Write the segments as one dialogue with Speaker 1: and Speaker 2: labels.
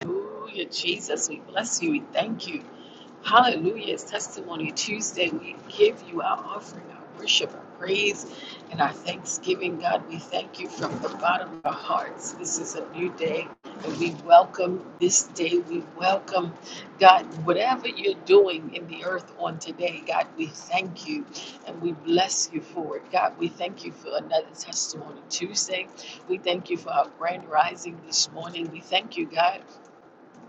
Speaker 1: Hallelujah, Jesus. We bless you. We thank you. Hallelujah. It's Testimony Tuesday. We give you our offering, our worship, our praise, and our thanksgiving. God, we thank you from the bottom of our hearts. This is a new day, and we welcome this day. We welcome, God, whatever you're doing in the earth on today. God, we thank you and we bless you for it. God, we thank you for another Testimony Tuesday. We thank you for our grand rising this morning. We thank you, God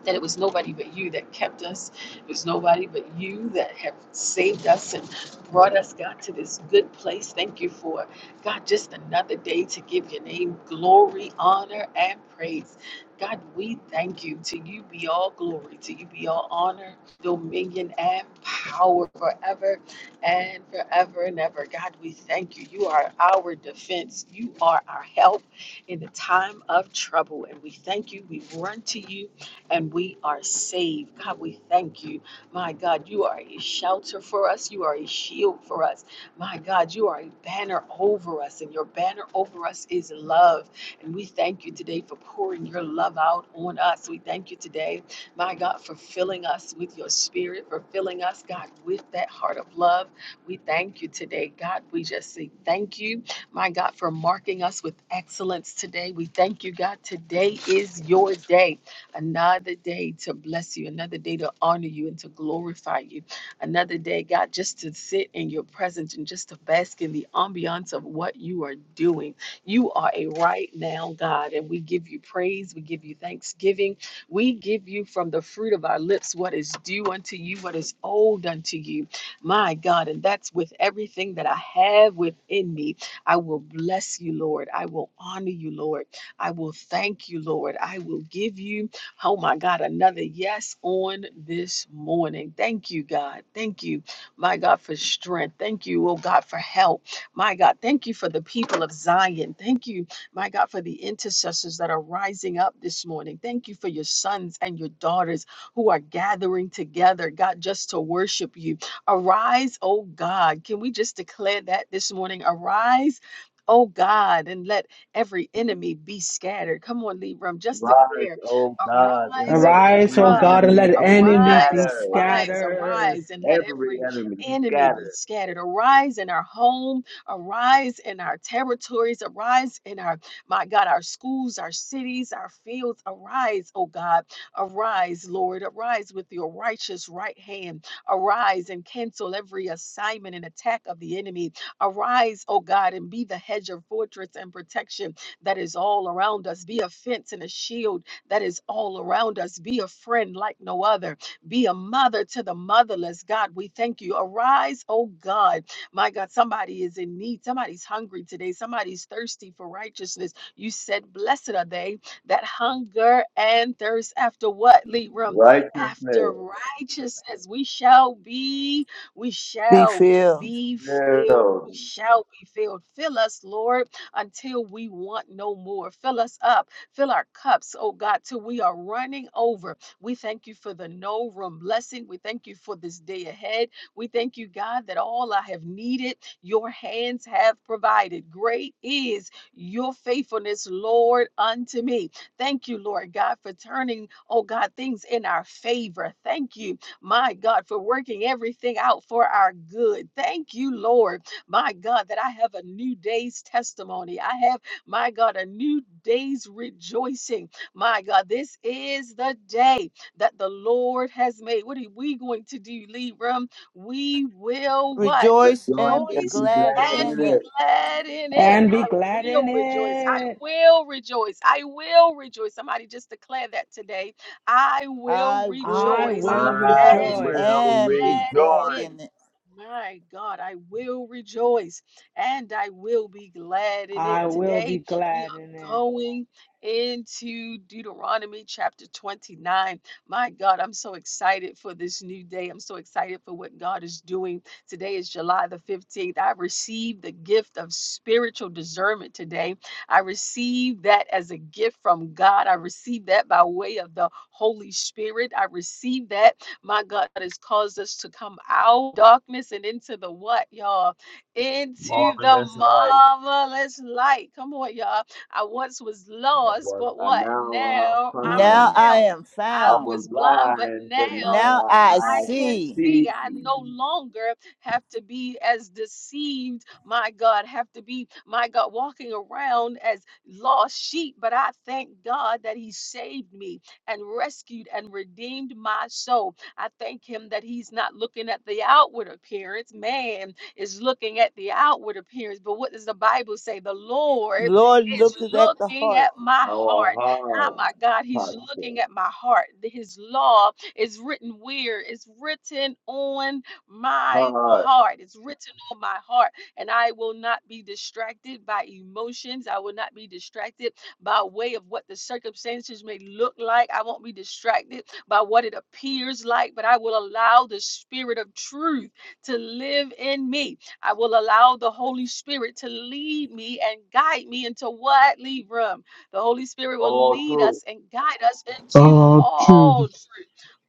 Speaker 1: that it was nobody but you that kept us. It was nobody but you that have saved us and brought us, God, to this good place. Thank you for, God, just another day to give your name glory, honor, and praise. God, we thank you. To you be all glory. To you be all honor, dominion, and power forever and forever and ever. God, we thank you. You are our defense. You are our help in the time of trouble. And we thank you. We run to you and we are saved. God, we thank you. My God, you are a shelter for us. You are a shield for us. My God, you are a banner over us, and your banner over us is love. And we thank you today for pouring your love out on us. We thank you today, my God, for filling us with your spirit, for filling us, God, with that heart of love. We thank you today, God. We just say thank you, my God, for marking us with excellence today. We thank you, God. Today is your day another day to bless you, another day to honor you and to glorify you, another day, God, just to sit in your presence and just to bask in the ambiance of what you are doing. You are a right now God, and we give you praise, we give you thanksgiving, we give you from the fruit of our lips what is due unto you, what is owed unto you, my God, and that's with everything that I have within me. I will bless you, Lord. I will honor you, Lord. I will thank you, Lord. I will give you Oh my God, another yes on this morning. Thank you, God. Thank you, my God, for strength. Thank you, oh God, for help. My God, thank you for the people of Zion. Thank you, my God, for the intercessors that are rising up this morning. Thank you for your sons and your daughters who are gathering together, God, just to worship you. Arise, oh God. Can we just declare that this morning? Arise. Oh God, and let every enemy be scattered. Come on, Libram, just
Speaker 2: Rise,
Speaker 1: declare
Speaker 2: O God, and
Speaker 1: Arise, O
Speaker 2: let
Speaker 3: Arise,
Speaker 2: every
Speaker 3: O
Speaker 1: God,
Speaker 3: God, and let
Speaker 2: enemy
Speaker 3: the
Speaker 2: be
Speaker 3: enemy
Speaker 1: arise,
Speaker 3: be
Speaker 2: scattered.
Speaker 1: arise,
Speaker 3: scattered
Speaker 1: arise, and let
Speaker 2: Every
Speaker 1: every
Speaker 2: enemy
Speaker 1: enemy be
Speaker 2: scattered.
Speaker 1: scattered. Arise in our home, arise in our territories, arise in our, my God, our schools, our cities, our fields. Arise, O God, arise, Lord, arise with your righteous right hand. Arise and cancel every assignment and attack of the enemy. Arise, O God, and be the hedge of fortress and protection that is all around us. Be a fence and a shield that is all around us. Be a friend like no other. Be a mother to the motherless. God, we thank you. Arise, oh God. My God, somebody is in need. Somebody's hungry today. Somebody's thirsty for righteousness. You said, Blessed are they that hunger and thirst after what, Libram? After
Speaker 2: Righteousness
Speaker 1: righteousness. We shall be, we
Speaker 4: be
Speaker 1: shall
Speaker 4: filled.
Speaker 1: be filled. We
Speaker 2: filled.
Speaker 1: shall be filled. Fill us, Lord until we want no more. Fill us up, fill our cups, oh God, till we are running over. We thank you for the no room blessing. We thank you for this day ahead. We thank you, God, that all I have needed, your hands have provided. Great is your faithfulness, Lord, unto me. Thank you, Lord God, for turning, oh God, things in our favor. Thank you, my God, for working everything out for our good. Thank you, Lord my God, that I have a new day's testimony. I have, my God, a new day's rejoicing. My God, this is the day that the Lord has made. What are we going to do, Libram? We will what?
Speaker 4: Rejoice
Speaker 2: Rejoice
Speaker 4: and be
Speaker 2: and
Speaker 1: Rejoice
Speaker 2: be
Speaker 4: glad
Speaker 2: glad
Speaker 1: and
Speaker 4: in
Speaker 1: be
Speaker 2: in
Speaker 4: it.
Speaker 2: it.
Speaker 1: glad in it.
Speaker 3: and be
Speaker 1: I
Speaker 3: glad in
Speaker 1: will rejoice. I
Speaker 3: it.
Speaker 1: will rejoice. I will rejoice. Somebody just declare that today. I will
Speaker 4: I will
Speaker 3: I
Speaker 1: rejoice
Speaker 3: will
Speaker 2: I
Speaker 4: rejoice
Speaker 1: and
Speaker 3: rejoice.
Speaker 1: be
Speaker 2: will
Speaker 4: and be
Speaker 1: glad in
Speaker 4: glad
Speaker 1: it.
Speaker 2: rejoice.
Speaker 4: in it.
Speaker 1: My God, I will rejoice and I will be glad in
Speaker 3: I
Speaker 1: it.
Speaker 3: will be
Speaker 1: Today, we
Speaker 3: glad in
Speaker 1: are
Speaker 3: it
Speaker 1: going into Deuteronomy chapter 29. My God, I'm so excited for this new day. I'm so excited for what God is doing. Today is July the 15th. I received the gift of spiritual discernment today. I receive that as a gift from God. I receive that by way of the Holy Spirit. I receive that. My God that has caused us to come out of darkness and into the what, y'all? Into the
Speaker 2: Marvelous life.
Speaker 1: marvelous light. Come on, y'all. I once was
Speaker 2: I
Speaker 1: lost,
Speaker 2: was,
Speaker 1: but
Speaker 2: I
Speaker 1: what?
Speaker 2: now I
Speaker 1: Now
Speaker 4: Now
Speaker 2: found.
Speaker 1: I'm
Speaker 4: I
Speaker 1: found.
Speaker 4: am
Speaker 1: I
Speaker 2: I
Speaker 4: found.
Speaker 2: was
Speaker 1: was blind, but
Speaker 2: blind, but now
Speaker 1: now
Speaker 4: Now
Speaker 2: I,
Speaker 4: I
Speaker 1: I
Speaker 2: I
Speaker 1: can
Speaker 4: see.
Speaker 2: see.
Speaker 1: see. I no longer have to be as deceived my God, have to be, my God, walking around as lost sheep. But I thank God that He saved me and rescued and redeemed my soul. I thank Him that He's not looking at the outward appearance. Man is looking at the outward appearance. But what does the Bible say? The Lord
Speaker 4: Lord
Speaker 1: is
Speaker 4: looketh at the
Speaker 1: looking at
Speaker 4: heart
Speaker 1: my
Speaker 2: Our
Speaker 1: heart. Oh
Speaker 2: heart
Speaker 1: my God, He's
Speaker 2: posture,
Speaker 1: looking at my heart. His law is written where? It's written on my
Speaker 2: heart,
Speaker 1: heart. It's written on my heart and I will not be distracted by emotions. I will not be distracted by way of what the circumstances may look like. I won't be distracted by what it appears like, but I will allow the spirit of truth to live in me. I will allow the Holy Spirit to lead me and guide me into what? Lead room. The Holy Spirit will
Speaker 2: all
Speaker 1: lead
Speaker 2: truth.
Speaker 1: us and guide us into
Speaker 5: Oh,
Speaker 1: all
Speaker 5: truth
Speaker 1: truth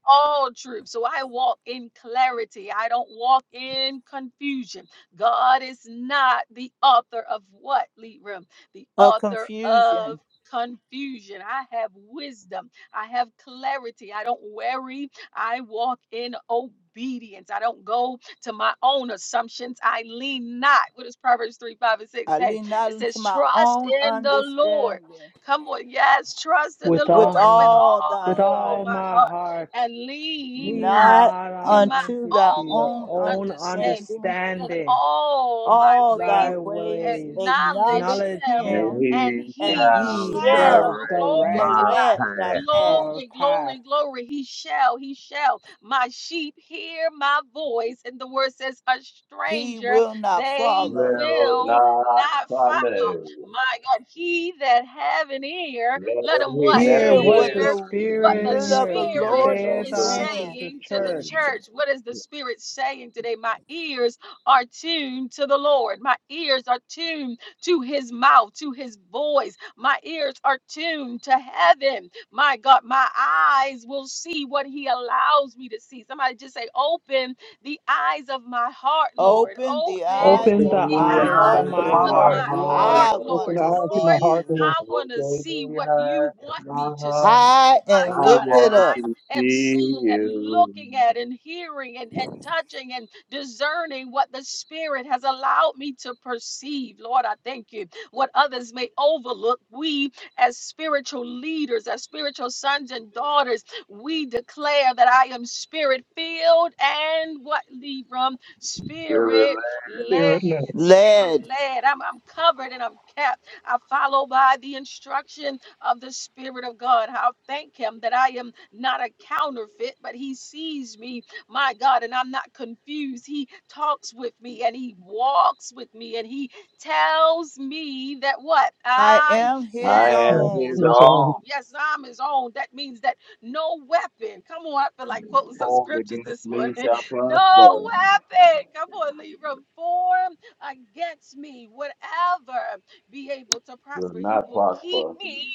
Speaker 1: all truth. So I walk in clarity. I don't walk in confusion. God is not the author of what, Leroom? The
Speaker 4: of
Speaker 1: author of
Speaker 4: confusion.
Speaker 1: confusion. I have wisdom. I have clarity. I don't worry. I walk in obedience. I don't go to my own assumptions. I lean not. What does Proverbs 3, 5, and 6
Speaker 4: I
Speaker 1: say?
Speaker 4: lean not
Speaker 1: It
Speaker 4: unto
Speaker 1: says,
Speaker 4: my
Speaker 1: trust
Speaker 4: own
Speaker 1: in the Lord.
Speaker 4: understanding
Speaker 1: Come on, yes, trust in the
Speaker 3: with
Speaker 4: with
Speaker 1: Lord with
Speaker 3: all
Speaker 4: all thy
Speaker 3: with
Speaker 1: all
Speaker 3: all
Speaker 4: heart,
Speaker 1: my
Speaker 3: my
Speaker 1: heart
Speaker 3: heart.
Speaker 1: and lean ye
Speaker 3: Lean
Speaker 1: not
Speaker 4: not
Speaker 3: not
Speaker 1: to
Speaker 3: on,
Speaker 1: my
Speaker 4: unto
Speaker 3: unto
Speaker 4: thy
Speaker 3: your
Speaker 1: own
Speaker 4: own
Speaker 3: own
Speaker 1: understanding.
Speaker 4: understanding.
Speaker 1: In
Speaker 3: understanding.
Speaker 1: all
Speaker 3: Ah,
Speaker 1: my
Speaker 4: All thy
Speaker 1: ways
Speaker 3: Thy
Speaker 4: ways
Speaker 3: ways
Speaker 4: acknowledge
Speaker 1: acknowledge
Speaker 3: acknowledge
Speaker 1: him,
Speaker 2: and
Speaker 4: him
Speaker 3: him,
Speaker 1: and
Speaker 2: he
Speaker 4: and
Speaker 3: and
Speaker 1: he
Speaker 4: he
Speaker 2: shall
Speaker 3: he will
Speaker 4: shall
Speaker 1: shall,
Speaker 2: direct
Speaker 1: glory
Speaker 3: direct
Speaker 1: to
Speaker 2: my
Speaker 1: God,
Speaker 4: direct thy
Speaker 2: path.
Speaker 4: path.
Speaker 3: your
Speaker 1: glory,
Speaker 3: path.
Speaker 1: glory, glory, he shall, he shall. My sheep hear my voice, and the word says, a
Speaker 4: He
Speaker 1: stranger
Speaker 4: will not
Speaker 1: they
Speaker 4: follow.
Speaker 2: Will
Speaker 1: will
Speaker 2: not
Speaker 1: not follow.
Speaker 2: follow.
Speaker 1: My God, he that have an ear, let
Speaker 2: Let him
Speaker 1: him
Speaker 2: hear,
Speaker 1: what?
Speaker 2: let
Speaker 3: Hear
Speaker 2: him
Speaker 4: Hear
Speaker 3: what
Speaker 2: hear.
Speaker 4: what
Speaker 3: the
Speaker 1: Hear
Speaker 4: the
Speaker 1: what the
Speaker 4: Spirit of the
Speaker 3: Spirit
Speaker 1: Spirit
Speaker 4: Lord
Speaker 2: Hearing of
Speaker 4: is
Speaker 3: saith
Speaker 2: the
Speaker 1: is
Speaker 2: Lord.
Speaker 3: unto
Speaker 4: saying.
Speaker 3: the
Speaker 1: saying to the
Speaker 3: church.
Speaker 2: sing.
Speaker 1: church? What is the Spirit saying today? My ears are tuned to the Lord. My ears are tuned to His mouth, to His voice. My ears are tuned to heaven. My God, my eyes will see what He allows me to see. Somebody just say, Open the eyes of my heart, Lord.
Speaker 4: Open the
Speaker 1: Open.
Speaker 2: Open
Speaker 4: eyes
Speaker 3: Open
Speaker 4: of
Speaker 3: the
Speaker 1: The
Speaker 4: my
Speaker 2: the
Speaker 6: and
Speaker 3: eyes
Speaker 6: eyes
Speaker 4: heart,
Speaker 3: of
Speaker 2: eyes
Speaker 3: my
Speaker 6: my
Speaker 2: of
Speaker 1: of
Speaker 2: my
Speaker 4: Lord.
Speaker 3: heart,
Speaker 1: my
Speaker 6: heart,
Speaker 2: heart,
Speaker 1: heart,
Speaker 3: Lord,
Speaker 4: I
Speaker 7: Open
Speaker 4: want
Speaker 1: Lord.
Speaker 4: to
Speaker 2: Lord.
Speaker 7: eyes of
Speaker 4: see
Speaker 7: my
Speaker 1: Lord,
Speaker 7: heart,
Speaker 4: you
Speaker 1: I
Speaker 7: Lord.
Speaker 1: want to
Speaker 2: Open
Speaker 1: see
Speaker 2: the
Speaker 1: what you
Speaker 2: eyes of
Speaker 1: want me
Speaker 2: my
Speaker 1: to see.
Speaker 2: heart.
Speaker 4: high
Speaker 1: My
Speaker 4: and
Speaker 2: I
Speaker 1: God,
Speaker 4: lifted
Speaker 2: want
Speaker 4: up,
Speaker 2: to
Speaker 1: I am seeing
Speaker 2: see
Speaker 1: and
Speaker 2: you.
Speaker 1: looking at and hearing and, and touching and discerning what the Spirit has allowed me to perceive. Lord, I thank you. What others may overlook, we as spiritual leaders, as spiritual sons and daughters, we declare that I am spirit filled and what, Libram?
Speaker 2: Spirit,
Speaker 1: Spirit led
Speaker 7: Spirit lift.
Speaker 1: and spirit
Speaker 4: led.
Speaker 1: led. I'm, I'm covered and I'm kept. I follow by the instruction of the Spirit of God. I'll thank Him that I am not a counterfeit, but He sees me, my God, and I'm not confused. He talks with me and He walks with me and He tells me that what?
Speaker 4: I
Speaker 1: I
Speaker 4: am
Speaker 1: am.
Speaker 4: his
Speaker 2: I
Speaker 7: Yeah,
Speaker 2: am
Speaker 1: His
Speaker 4: own,
Speaker 2: his
Speaker 7: his
Speaker 2: arm.
Speaker 7: own.
Speaker 1: own. Yes, I'm his own. That means that no weapon. Come on, I feel like quoting some
Speaker 2: Formed
Speaker 1: scriptures
Speaker 2: against
Speaker 1: this morning.
Speaker 2: me shall
Speaker 1: No
Speaker 2: prosper.
Speaker 1: weapon. Come on, Libra. Formed against me, whatever be able to
Speaker 2: will
Speaker 1: prosper. He
Speaker 2: not
Speaker 1: will keep
Speaker 2: prosper.
Speaker 1: me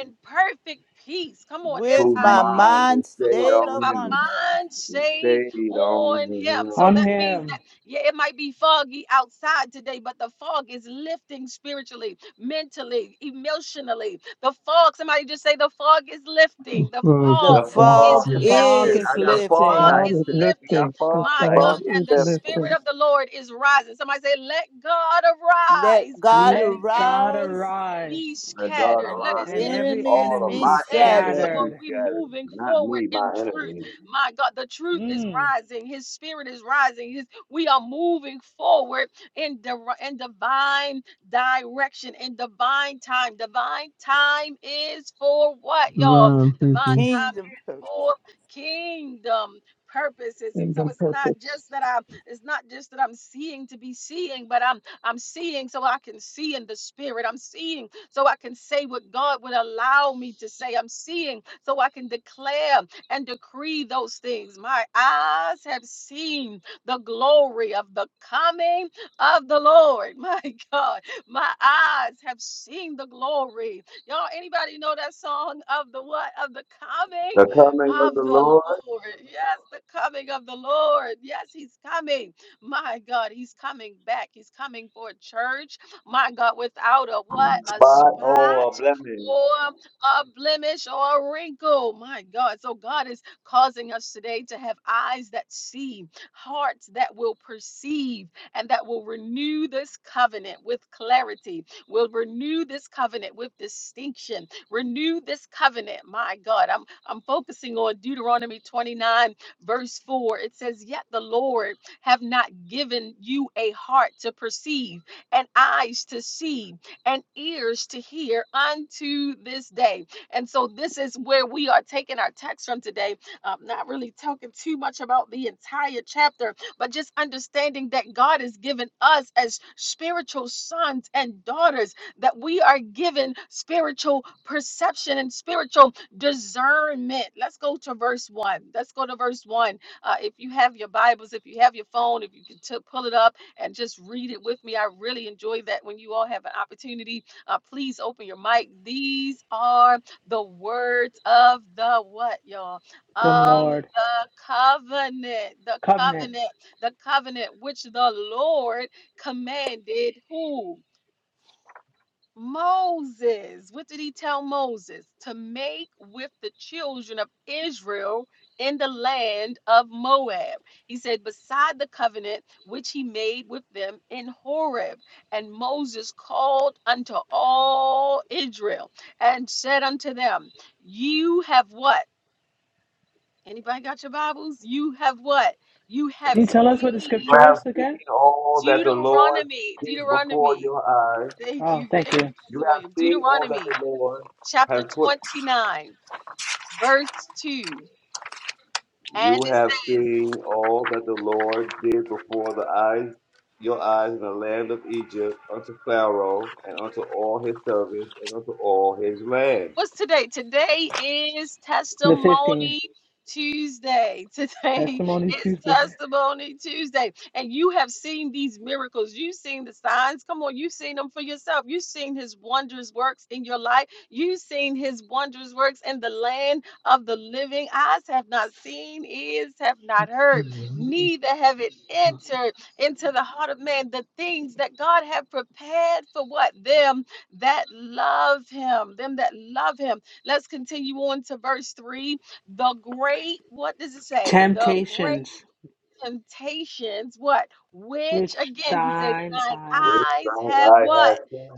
Speaker 1: in perfect peace. Come on, if
Speaker 4: with
Speaker 2: Whose
Speaker 1: I
Speaker 4: my
Speaker 1: leave,
Speaker 2: mind is
Speaker 4: mind
Speaker 1: come
Speaker 2: stayed
Speaker 1: on,
Speaker 4: stayed
Speaker 1: with
Speaker 2: on
Speaker 1: my
Speaker 4: upon
Speaker 2: him,
Speaker 4: him.
Speaker 1: mind
Speaker 2: is
Speaker 1: stayed
Speaker 2: stayed on
Speaker 1: on Him. So
Speaker 3: on
Speaker 1: that
Speaker 2: him.
Speaker 1: means
Speaker 3: him.
Speaker 1: that, yeah, it might be foggy outside today, but the fog is lifting spiritually, mentally, emotionally. The fog, somebody just say, the fog is lifting. The
Speaker 4: The
Speaker 1: fog
Speaker 2: The
Speaker 5: focusing
Speaker 2: fog
Speaker 1: is
Speaker 4: fog
Speaker 2: is
Speaker 3: The
Speaker 1: lifting.
Speaker 2: lifted.
Speaker 3: fog
Speaker 4: is
Speaker 3: is
Speaker 2: I got
Speaker 1: The
Speaker 2: fog
Speaker 1: fog
Speaker 4: lifting.
Speaker 7: God
Speaker 2: lights
Speaker 3: lifted.
Speaker 1: is
Speaker 7: is
Speaker 2: today. We
Speaker 1: lifting.
Speaker 2: got
Speaker 7: lifting.
Speaker 2: fog
Speaker 7: The
Speaker 1: My God,
Speaker 2: lights.
Speaker 7: God
Speaker 6: Lord, this
Speaker 1: and
Speaker 7: is
Speaker 1: the Spirit
Speaker 7: lifting.
Speaker 1: of the Lord is rising. Somebody say, let God
Speaker 4: Let
Speaker 1: arise
Speaker 4: God
Speaker 1: and
Speaker 3: Let
Speaker 1: the
Speaker 3: God
Speaker 1: enemy
Speaker 4: arise
Speaker 3: arise,
Speaker 1: be
Speaker 2: The God
Speaker 1: scattered.
Speaker 4: and
Speaker 1: Let
Speaker 4: let
Speaker 2: aligns
Speaker 1: his
Speaker 2: and
Speaker 3: and
Speaker 2: let
Speaker 1: enemies
Speaker 3: every
Speaker 4: enemies
Speaker 2: all of
Speaker 3: enemy
Speaker 1: be
Speaker 4: be
Speaker 3: be
Speaker 2: my
Speaker 1: scattered.
Speaker 2: enemies
Speaker 4: scattered.
Speaker 1: Come on,
Speaker 2: be
Speaker 3: scattered.
Speaker 1: we're
Speaker 2: scattered.
Speaker 1: moving
Speaker 2: Not
Speaker 1: forward
Speaker 2: me,
Speaker 1: in
Speaker 2: my
Speaker 1: truth.
Speaker 2: enemies.
Speaker 1: My God, the truth is
Speaker 3: Mm,
Speaker 1: rising. His spirit is rising. His, we are moving forward in, dir- in divine direction, in divine time. Divine time is for what, y'all?
Speaker 5: divine
Speaker 1: Divine
Speaker 5: people.
Speaker 1: time
Speaker 4: Kingdom
Speaker 1: is
Speaker 4: per-
Speaker 1: for kingdom purposes and so
Speaker 7: Kingdom
Speaker 1: it's not
Speaker 7: purpose.
Speaker 1: just that i'm it's not just that i'm seeing to be seeing but i'm I'm seeing so I can see in the spirit. I'm seeing so I can say what God would allow me to say. I'm seeing so I can declare and decree those things. My eyes have seen the glory of the coming of the Lord. My God, my eyes have seen the glory. Y'all, anybody know that song of the what? Of the coming
Speaker 2: The coming of
Speaker 1: of
Speaker 2: the
Speaker 1: the
Speaker 2: Lord,
Speaker 1: Lord. Yes, the coming of the Lord. Yes, he's coming. My God, he's coming back. He's coming for a church my God, without a what? A
Speaker 2: spot or
Speaker 1: spot
Speaker 2: blemish.
Speaker 1: or a blemish or a wrinkle. My God. So God is causing us today to have eyes that see, hearts that will perceive, and that will renew this covenant with clarity, will renew this covenant with distinction, renew this covenant. My God, I'm I'm focusing on Deuteronomy 29, verse 4. It says, Yet the Lord have not given you a heart to perceive and eyes to see and ears to hear unto this day. And so this is where we are taking our text from today. Um, not really talking too much about the entire chapter, but just understanding that God has given us as spiritual sons and daughters that we are given spiritual perception and spiritual discernment. Let's go to verse one. Let's go to verse one. Uh, if you have your Bibles, if you have your phone, if you can t- pull it up and just read it with me. I really enjoy that when you all have an opportunity. Uh, please open your mic. These are the words of the what, y'all?
Speaker 3: the
Speaker 1: Of
Speaker 3: Lord.
Speaker 1: the covenant, the
Speaker 3: Covenant.
Speaker 1: covenant, the covenant which the Lord commanded who? Moses, what did he tell Moses? To make with the children of Israel in the land of Moab. He said, beside the covenant which he made with them in Horeb. And Moses called unto all Israel and said unto them, You have what? Anybody got your Bibles? You have what? You have
Speaker 3: Can you tell us what the
Speaker 2: You
Speaker 1: seen
Speaker 3: scripture
Speaker 2: have
Speaker 3: is
Speaker 2: seen
Speaker 3: again?
Speaker 2: all that the Lord
Speaker 1: Deuteronomy.
Speaker 2: did before
Speaker 1: Deuteronomy.
Speaker 2: your eyes.
Speaker 1: Thank
Speaker 3: Oh,
Speaker 1: you.
Speaker 3: thank
Speaker 1: Thank
Speaker 3: you.
Speaker 1: you,
Speaker 2: You
Speaker 1: Cousin
Speaker 2: have
Speaker 1: William.
Speaker 2: seen all that
Speaker 1: Deuteronomy
Speaker 2: the Lord
Speaker 1: chapter
Speaker 2: has put
Speaker 1: 29, verse 2.
Speaker 2: You
Speaker 1: And it
Speaker 2: have
Speaker 1: says,
Speaker 2: seen all that the Lord did before the eyes, your eyes in the land of Egypt, unto Pharaoh, and unto all his servants, and unto all his land.
Speaker 1: What's today? Today is
Speaker 3: The 15th.
Speaker 1: Testimony Tuesday. Today
Speaker 3: Testimony
Speaker 1: is
Speaker 3: Tuesday.
Speaker 1: Testimony Tuesday. And you have seen these miracles. You've seen the signs. Come on, you've seen them for yourself. You've seen his wondrous works in your life. You've seen his wondrous works in the land of the living. Eyes have not seen, ears have not heard, neither have it entered into the heart of man the things that God had prepared for what? Them that love him, them that love him. Let's continue on to verse 3. The great, what does it say? The great
Speaker 3: Temptations
Speaker 1: temptations, what? Which,
Speaker 3: which
Speaker 1: again, he says,
Speaker 3: thine
Speaker 1: thine
Speaker 3: eyes
Speaker 2: Which
Speaker 1: eyes
Speaker 2: thine
Speaker 1: have
Speaker 2: eye has
Speaker 1: what?
Speaker 2: seen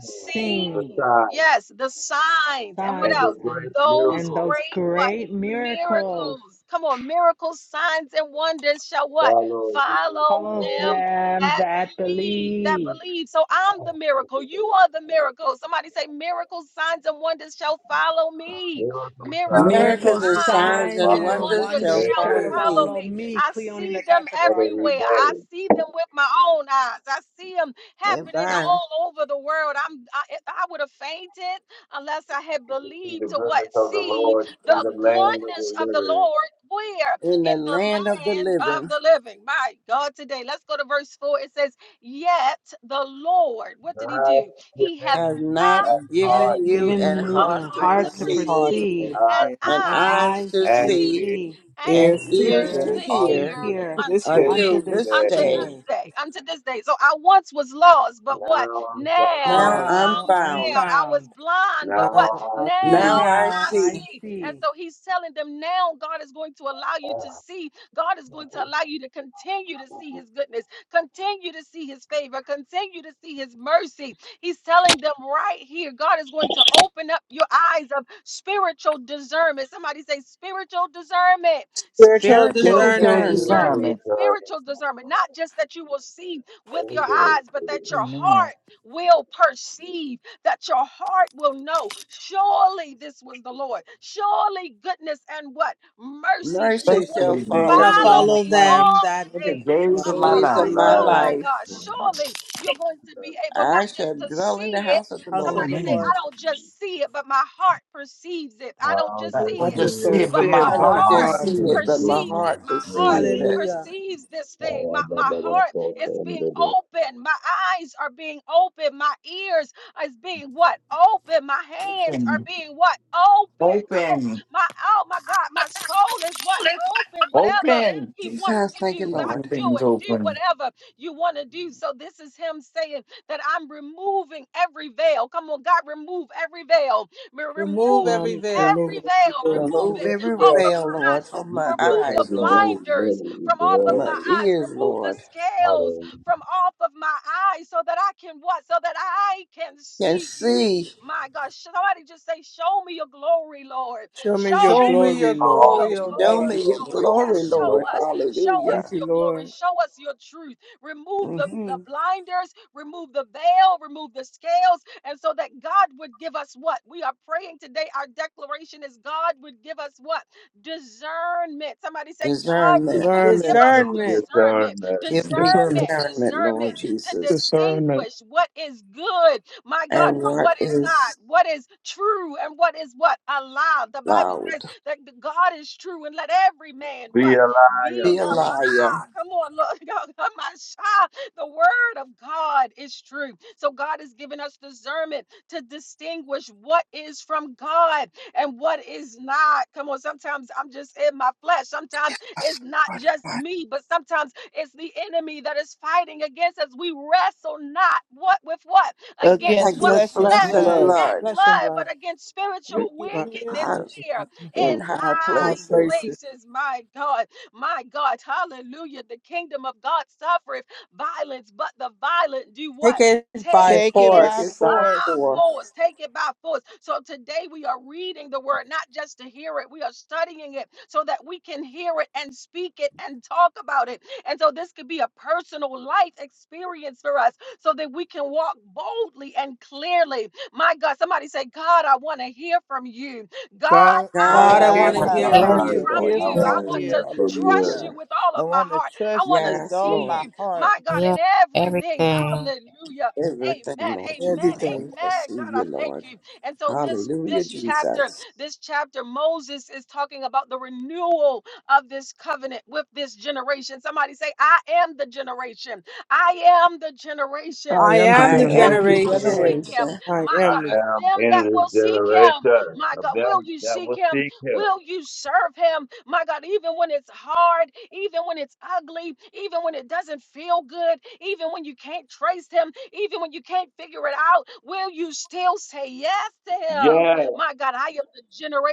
Speaker 2: the
Speaker 3: seen
Speaker 1: Seen.
Speaker 2: sign
Speaker 1: Yes, the signs. And what
Speaker 2: and
Speaker 3: signs
Speaker 1: else?
Speaker 2: the
Speaker 3: and
Speaker 2: great
Speaker 1: Those
Speaker 3: and
Speaker 2: miracles
Speaker 3: those
Speaker 1: great, what?
Speaker 3: great miracles
Speaker 1: Miracles. Come on, miracles, signs, and wonders shall
Speaker 2: that
Speaker 1: what?
Speaker 2: Follow these
Speaker 1: Follow
Speaker 3: follow
Speaker 1: them
Speaker 2: all
Speaker 3: them
Speaker 1: that
Speaker 3: that
Speaker 1: believe. That
Speaker 3: believe
Speaker 1: believe. So I'm the miracle. You are the miracle. Somebody say, miracles, signs, and wonders shall follow me.
Speaker 2: Miracles, signs,
Speaker 1: Miracles,
Speaker 2: and
Speaker 8: Miracles
Speaker 3: miracles
Speaker 8: and
Speaker 2: wonders
Speaker 1: signs,
Speaker 2: shall
Speaker 8: signs
Speaker 3: signs
Speaker 8: and
Speaker 1: and
Speaker 2: follow
Speaker 3: and
Speaker 8: wonders shall
Speaker 1: wonders
Speaker 3: wonders
Speaker 2: Mary
Speaker 1: shall
Speaker 3: shall
Speaker 8: follow
Speaker 9: me,
Speaker 1: follow
Speaker 8: me
Speaker 3: follow
Speaker 1: me.
Speaker 3: me
Speaker 1: I
Speaker 3: cleone
Speaker 1: see them
Speaker 3: natasha
Speaker 2: every
Speaker 3: crawford
Speaker 1: everywhere. I
Speaker 2: day
Speaker 1: see them with my own eyes. I see them
Speaker 8: if
Speaker 1: happening
Speaker 8: I'm
Speaker 1: all over the world. I'm I, I would have fainted unless I had
Speaker 2: to see the
Speaker 1: believed to what
Speaker 2: goodness of the
Speaker 1: see
Speaker 2: Lord in
Speaker 1: the
Speaker 2: the land of
Speaker 1: goodness
Speaker 2: the
Speaker 1: of the
Speaker 2: living.
Speaker 1: Lord where
Speaker 8: in the
Speaker 1: in the
Speaker 8: land of the
Speaker 1: land of
Speaker 8: living.
Speaker 1: the living. My God, today let's go to verse 4. It says, "Yet the Lord, what did he
Speaker 2: I
Speaker 1: do?
Speaker 2: given
Speaker 1: He have
Speaker 8: Have
Speaker 2: you
Speaker 8: not
Speaker 2: and
Speaker 1: not
Speaker 3: i've
Speaker 1: given
Speaker 8: given you
Speaker 1: you
Speaker 3: given
Speaker 8: an
Speaker 2: God
Speaker 1: a
Speaker 3: you a
Speaker 8: heart to
Speaker 1: heart
Speaker 9: my
Speaker 1: to
Speaker 3: heart to
Speaker 8: perceive,
Speaker 9: heart,
Speaker 1: perceive
Speaker 2: and
Speaker 3: perceive
Speaker 2: I
Speaker 1: and
Speaker 2: give
Speaker 8: and
Speaker 3: and
Speaker 2: you
Speaker 1: eyes
Speaker 8: eyes to
Speaker 3: eyes
Speaker 1: to
Speaker 2: and
Speaker 3: to
Speaker 9: and
Speaker 8: see,
Speaker 2: it
Speaker 1: see."
Speaker 3: see
Speaker 1: and."
Speaker 3: and
Speaker 8: and
Speaker 2: is
Speaker 9: ears to
Speaker 8: ears
Speaker 1: ears
Speaker 9: hear
Speaker 8: to
Speaker 1: to
Speaker 3: ears to
Speaker 8: hear
Speaker 1: hear
Speaker 2: unto
Speaker 9: to
Speaker 3: hear
Speaker 9: this
Speaker 1: unto
Speaker 9: day.
Speaker 2: this
Speaker 8: until
Speaker 1: when?
Speaker 3: unto this
Speaker 8: this
Speaker 2: day
Speaker 1: Unto this
Speaker 8: day.
Speaker 3: day
Speaker 1: day. Unto this day. So I once was lost, but what?
Speaker 2: now I'm
Speaker 1: Now
Speaker 2: found.
Speaker 8: Now
Speaker 9: How
Speaker 8: I'm
Speaker 3: now
Speaker 1: I'm
Speaker 3: i'm
Speaker 1: found.
Speaker 8: found.
Speaker 1: I was
Speaker 3: found
Speaker 1: blind, but what?
Speaker 2: Now
Speaker 9: now
Speaker 2: I
Speaker 9: I
Speaker 1: Now
Speaker 2: see
Speaker 9: see
Speaker 8: Now I
Speaker 1: I
Speaker 3: now i
Speaker 8: see.
Speaker 1: see. And
Speaker 3: see
Speaker 1: so he's telling them now God is going to allow you to
Speaker 2: that
Speaker 1: see. God is going to allow you to continue to see his goodness, continue to see his favor, continue to see his mercy. He's telling them right here, God is going to open up your eyes of spiritual discernment. Somebody say spiritual discernment
Speaker 3: spiritual
Speaker 8: Spiritual
Speaker 10: There
Speaker 1: spiritual
Speaker 10: is your
Speaker 3: discernment
Speaker 9: Christians
Speaker 2: this
Speaker 9: in
Speaker 8: discernment.
Speaker 1: discernment,
Speaker 2: is
Speaker 10: assignment.
Speaker 2: the
Speaker 1: spiritual discernment, not just that you will see with your
Speaker 2: everything
Speaker 1: eyes, but
Speaker 2: is
Speaker 1: that your
Speaker 10: Amen.
Speaker 1: heart will perceive, that your heart will know. Surely this was the Lord. Surely goodness and what? Mercy
Speaker 8: Mercy
Speaker 10: Pray
Speaker 1: shall
Speaker 10: for
Speaker 1: what?
Speaker 9: the
Speaker 8: shall
Speaker 10: me.
Speaker 8: follow
Speaker 3: shall
Speaker 9: days of
Speaker 1: Follow
Speaker 8: me.
Speaker 9: my
Speaker 3: follow
Speaker 1: me
Speaker 9: life,
Speaker 3: them
Speaker 1: all the
Speaker 3: that
Speaker 10: In the
Speaker 3: the
Speaker 1: days.
Speaker 9: of my
Speaker 10: days
Speaker 1: Of
Speaker 10: of
Speaker 1: my
Speaker 10: my
Speaker 9: life.
Speaker 8: Days
Speaker 10: life.
Speaker 8: of
Speaker 1: life.
Speaker 3: days of
Speaker 8: my
Speaker 3: my
Speaker 1: Oh my
Speaker 3: life,
Speaker 8: life.
Speaker 1: God.
Speaker 2: alive.
Speaker 1: Surely you're going to be able not
Speaker 8: I shall
Speaker 1: just to
Speaker 8: dwell in the
Speaker 1: see it.
Speaker 8: house of the
Speaker 3: house
Speaker 8: Lord
Speaker 3: of
Speaker 1: Somebody
Speaker 3: the
Speaker 1: say,
Speaker 10: Amen.
Speaker 3: Lord.
Speaker 1: I don't just see it, but my heart perceives it. I don't
Speaker 2: I'll
Speaker 1: just
Speaker 10: That
Speaker 2: just
Speaker 1: see
Speaker 10: will
Speaker 9: I
Speaker 1: it,
Speaker 2: sing
Speaker 9: just
Speaker 10: just see
Speaker 9: don't
Speaker 10: it,
Speaker 9: see
Speaker 1: but
Speaker 10: but my
Speaker 1: my
Speaker 9: it,
Speaker 8: I
Speaker 9: but
Speaker 2: my
Speaker 9: my
Speaker 8: don't
Speaker 10: heart
Speaker 1: heart
Speaker 8: just
Speaker 2: heart
Speaker 9: heart
Speaker 10: receives
Speaker 8: see
Speaker 9: is
Speaker 2: to
Speaker 8: it,
Speaker 10: it.
Speaker 9: like,
Speaker 8: but my
Speaker 1: perceives
Speaker 2: sing
Speaker 1: it.
Speaker 8: heart
Speaker 1: My heart
Speaker 8: perceives
Speaker 2: the
Speaker 8: it.
Speaker 3: Hallelujah.
Speaker 1: perceives this thing.
Speaker 2: Oh, I
Speaker 1: My,
Speaker 2: blah,
Speaker 1: my
Speaker 2: blah, blah,
Speaker 1: heart
Speaker 2: blah,
Speaker 1: is
Speaker 2: blah,
Speaker 1: being
Speaker 2: blah, blah.
Speaker 1: open. My eyes are being open. My ears is being what? Open. My hands are
Speaker 10: Open,
Speaker 1: being what? Open. Come on.
Speaker 10: open,
Speaker 1: My oh my God, my soul is what? Open. Whatever
Speaker 10: open.
Speaker 1: he wants
Speaker 8: Jesus,
Speaker 1: to
Speaker 8: thank you,
Speaker 1: do. God,
Speaker 8: Lord.
Speaker 1: do
Speaker 10: Everything's
Speaker 1: it. Do
Speaker 10: open.
Speaker 1: whatever you want to do. So this is him saying that I'm removing every veil. Come on, God, remove every veil. Re-
Speaker 3: Remove
Speaker 1: Remove
Speaker 3: every
Speaker 9: I'm
Speaker 3: veil.
Speaker 1: every
Speaker 9: removing every
Speaker 1: veil. Remove
Speaker 8: Remove
Speaker 1: it
Speaker 9: remove
Speaker 8: every
Speaker 9: every
Speaker 1: off of
Speaker 8: veil, Lord,
Speaker 1: eyes,
Speaker 8: from my
Speaker 2: Jesus
Speaker 1: remove
Speaker 2: has
Speaker 1: the
Speaker 8: eyes, Lord,
Speaker 2: removed
Speaker 1: blinders from off
Speaker 8: from
Speaker 1: of
Speaker 8: my
Speaker 1: my
Speaker 2: many
Speaker 1: eyes,
Speaker 8: ears,
Speaker 1: remove the
Speaker 8: Lord.
Speaker 2: of
Speaker 1: scales
Speaker 2: the
Speaker 1: from off of my eyes so that I can what? So that I can
Speaker 8: Can
Speaker 1: see you.
Speaker 8: see,
Speaker 1: My God, somebody just say, Show me your glory, Lord.
Speaker 9: Show me your
Speaker 1: Show
Speaker 3: Show me
Speaker 1: me
Speaker 9: glory,
Speaker 3: your
Speaker 9: Lord.
Speaker 2: Oh,
Speaker 1: your
Speaker 3: glory, O
Speaker 8: show
Speaker 2: name
Speaker 3: Lord.
Speaker 8: me
Speaker 1: glory,
Speaker 2: of
Speaker 8: your
Speaker 9: Lord.
Speaker 1: Lord.
Speaker 8: glory,
Speaker 1: Yes,
Speaker 2: glory,
Speaker 1: show
Speaker 8: Lord.
Speaker 1: us.
Speaker 2: Lord.
Speaker 1: Show
Speaker 8: Hallelujah.
Speaker 1: us
Speaker 9: Thank you,
Speaker 1: your glory.
Speaker 9: Lord.
Speaker 1: Show us your truth. Remove the, the
Speaker 8: hmm
Speaker 1: blinders, remove the veil, remove the scales. And so that God would give us what? We are praying today. Our declaration is God would give us what? discernment. Somebody say, God
Speaker 6: truth
Speaker 8: Discernment.
Speaker 1: would give
Speaker 9: Discernment,
Speaker 1: us
Speaker 2: Never
Speaker 3: Discernment,
Speaker 1: discernment,
Speaker 2: return.
Speaker 8: Give me
Speaker 1: discernment,
Speaker 7: Discernment.
Speaker 8: discernment,
Speaker 1: discernment
Speaker 8: Lord
Speaker 1: to
Speaker 8: Jesus.
Speaker 7: Discernment.
Speaker 1: distinguish what is good, my God,
Speaker 8: And
Speaker 1: from
Speaker 8: what
Speaker 1: what is not,
Speaker 8: is
Speaker 1: what is true, and what is what a lie. The Bible
Speaker 8: loud?
Speaker 1: says that the God is true, and let every man
Speaker 2: Be
Speaker 1: what
Speaker 2: alive,
Speaker 1: be
Speaker 8: Be
Speaker 1: a
Speaker 8: a liar.
Speaker 1: lie. Come on, look, my child. The word of God is true. So God has given us discernment to distinguish what is from God and what is not. Come on, sometimes I'm just in my flesh. Sometimes it's not just me, but sometimes it's the enemy that is fighting against us. We wrestle not what with what? Against
Speaker 4: against
Speaker 1: what
Speaker 8: Against
Speaker 4: flesh
Speaker 9: fresh
Speaker 4: and
Speaker 8: flesh
Speaker 1: flesh
Speaker 8: and
Speaker 4: blood,
Speaker 9: blood,
Speaker 1: and
Speaker 8: blood.
Speaker 3: flesh and
Speaker 1: blood,
Speaker 3: blood.
Speaker 1: but against spiritual
Speaker 9: but
Speaker 4: wickedness,
Speaker 1: wickedness
Speaker 8: High-
Speaker 1: where
Speaker 9: high,
Speaker 1: in
Speaker 8: In high
Speaker 1: high
Speaker 9: high
Speaker 8: places.
Speaker 9: places.
Speaker 1: places, my God, my God, hallelujah. The kingdom of God suffereth violence, but the violent do what?
Speaker 3: Take it by
Speaker 1: Take
Speaker 4: take it
Speaker 1: it.
Speaker 8: Take
Speaker 4: by
Speaker 8: it
Speaker 3: force.
Speaker 8: by
Speaker 1: by
Speaker 4: force.
Speaker 8: force.
Speaker 1: force, take it by force. So today we are reading the word, not just to hear it, we are studying it so that we can hear it and speak it and talk about it. And so this could be a personal life experience for us so that we can walk boldly and clearly. My God, somebody say, God, I want to hear from you. God,
Speaker 9: God, I
Speaker 1: I
Speaker 9: want
Speaker 8: God,
Speaker 3: God,
Speaker 9: to
Speaker 3: I
Speaker 8: I
Speaker 1: want
Speaker 9: hear
Speaker 3: want
Speaker 8: want
Speaker 4: God,
Speaker 1: to
Speaker 3: to
Speaker 8: to
Speaker 11: Like,
Speaker 9: from
Speaker 4: I
Speaker 3: hear
Speaker 9: you.
Speaker 8: hear
Speaker 1: hear
Speaker 3: from
Speaker 11: Here's
Speaker 4: want
Speaker 8: from
Speaker 2: alive.
Speaker 8: you,
Speaker 4: to
Speaker 3: you.
Speaker 1: from
Speaker 2: I
Speaker 8: Lord
Speaker 4: hear
Speaker 1: you.
Speaker 11: the,
Speaker 9: Hear
Speaker 1: I
Speaker 2: want
Speaker 8: Jesus.
Speaker 4: from
Speaker 2: to
Speaker 9: from
Speaker 1: want
Speaker 9: you.
Speaker 1: to
Speaker 4: you.
Speaker 2: hear from
Speaker 1: trust
Speaker 8: Hallelujah.
Speaker 1: you
Speaker 2: you.
Speaker 1: with all
Speaker 4: I
Speaker 1: of my
Speaker 4: want to
Speaker 1: heart. I
Speaker 4: trust
Speaker 1: want
Speaker 4: you
Speaker 1: to
Speaker 4: with
Speaker 8: Yes,
Speaker 4: all
Speaker 1: see
Speaker 8: Lord.
Speaker 4: my
Speaker 1: you,
Speaker 4: heart.
Speaker 1: my God, in
Speaker 11: yeah,
Speaker 1: everything.
Speaker 11: everything.
Speaker 1: Hallelujah. Amen.
Speaker 8: Everything, Lord
Speaker 1: Amen.
Speaker 8: Jesus. I
Speaker 9: Everything.
Speaker 8: want to
Speaker 1: Amen.
Speaker 8: see
Speaker 1: God, I
Speaker 8: you,
Speaker 1: thank
Speaker 8: Lord.
Speaker 1: you. And so this
Speaker 8: Hallelujah,
Speaker 1: this chapter,
Speaker 8: Jesus.
Speaker 1: this chapter, Moses is talking about the renewal of this covenant with this generation. Somebody say, I am the generation. I am the generation
Speaker 7: I
Speaker 3: I
Speaker 7: am
Speaker 1: of
Speaker 7: the
Speaker 3: am
Speaker 8: I
Speaker 3: the
Speaker 1: them
Speaker 9: am
Speaker 8: every
Speaker 7: generation.
Speaker 1: that will
Speaker 9: the generation.
Speaker 1: seek
Speaker 3: generation.
Speaker 1: him.
Speaker 8: generation
Speaker 9: I
Speaker 1: My God,
Speaker 9: am
Speaker 2: I
Speaker 9: the
Speaker 1: of
Speaker 2: am
Speaker 1: them
Speaker 2: in
Speaker 1: that
Speaker 2: this
Speaker 1: will seek him.
Speaker 2: generation
Speaker 1: My
Speaker 2: of
Speaker 1: God, will
Speaker 2: them
Speaker 1: you
Speaker 2: that
Speaker 1: seek
Speaker 2: will
Speaker 1: him?
Speaker 2: seek him.
Speaker 1: Will you serve him? My God, even when it's hard, even when it's ugly, even when it doesn't feel good, even when you can't trace him, even when you can't figure it out, will you still say yes to him?
Speaker 2: Yes.
Speaker 1: My God, I am the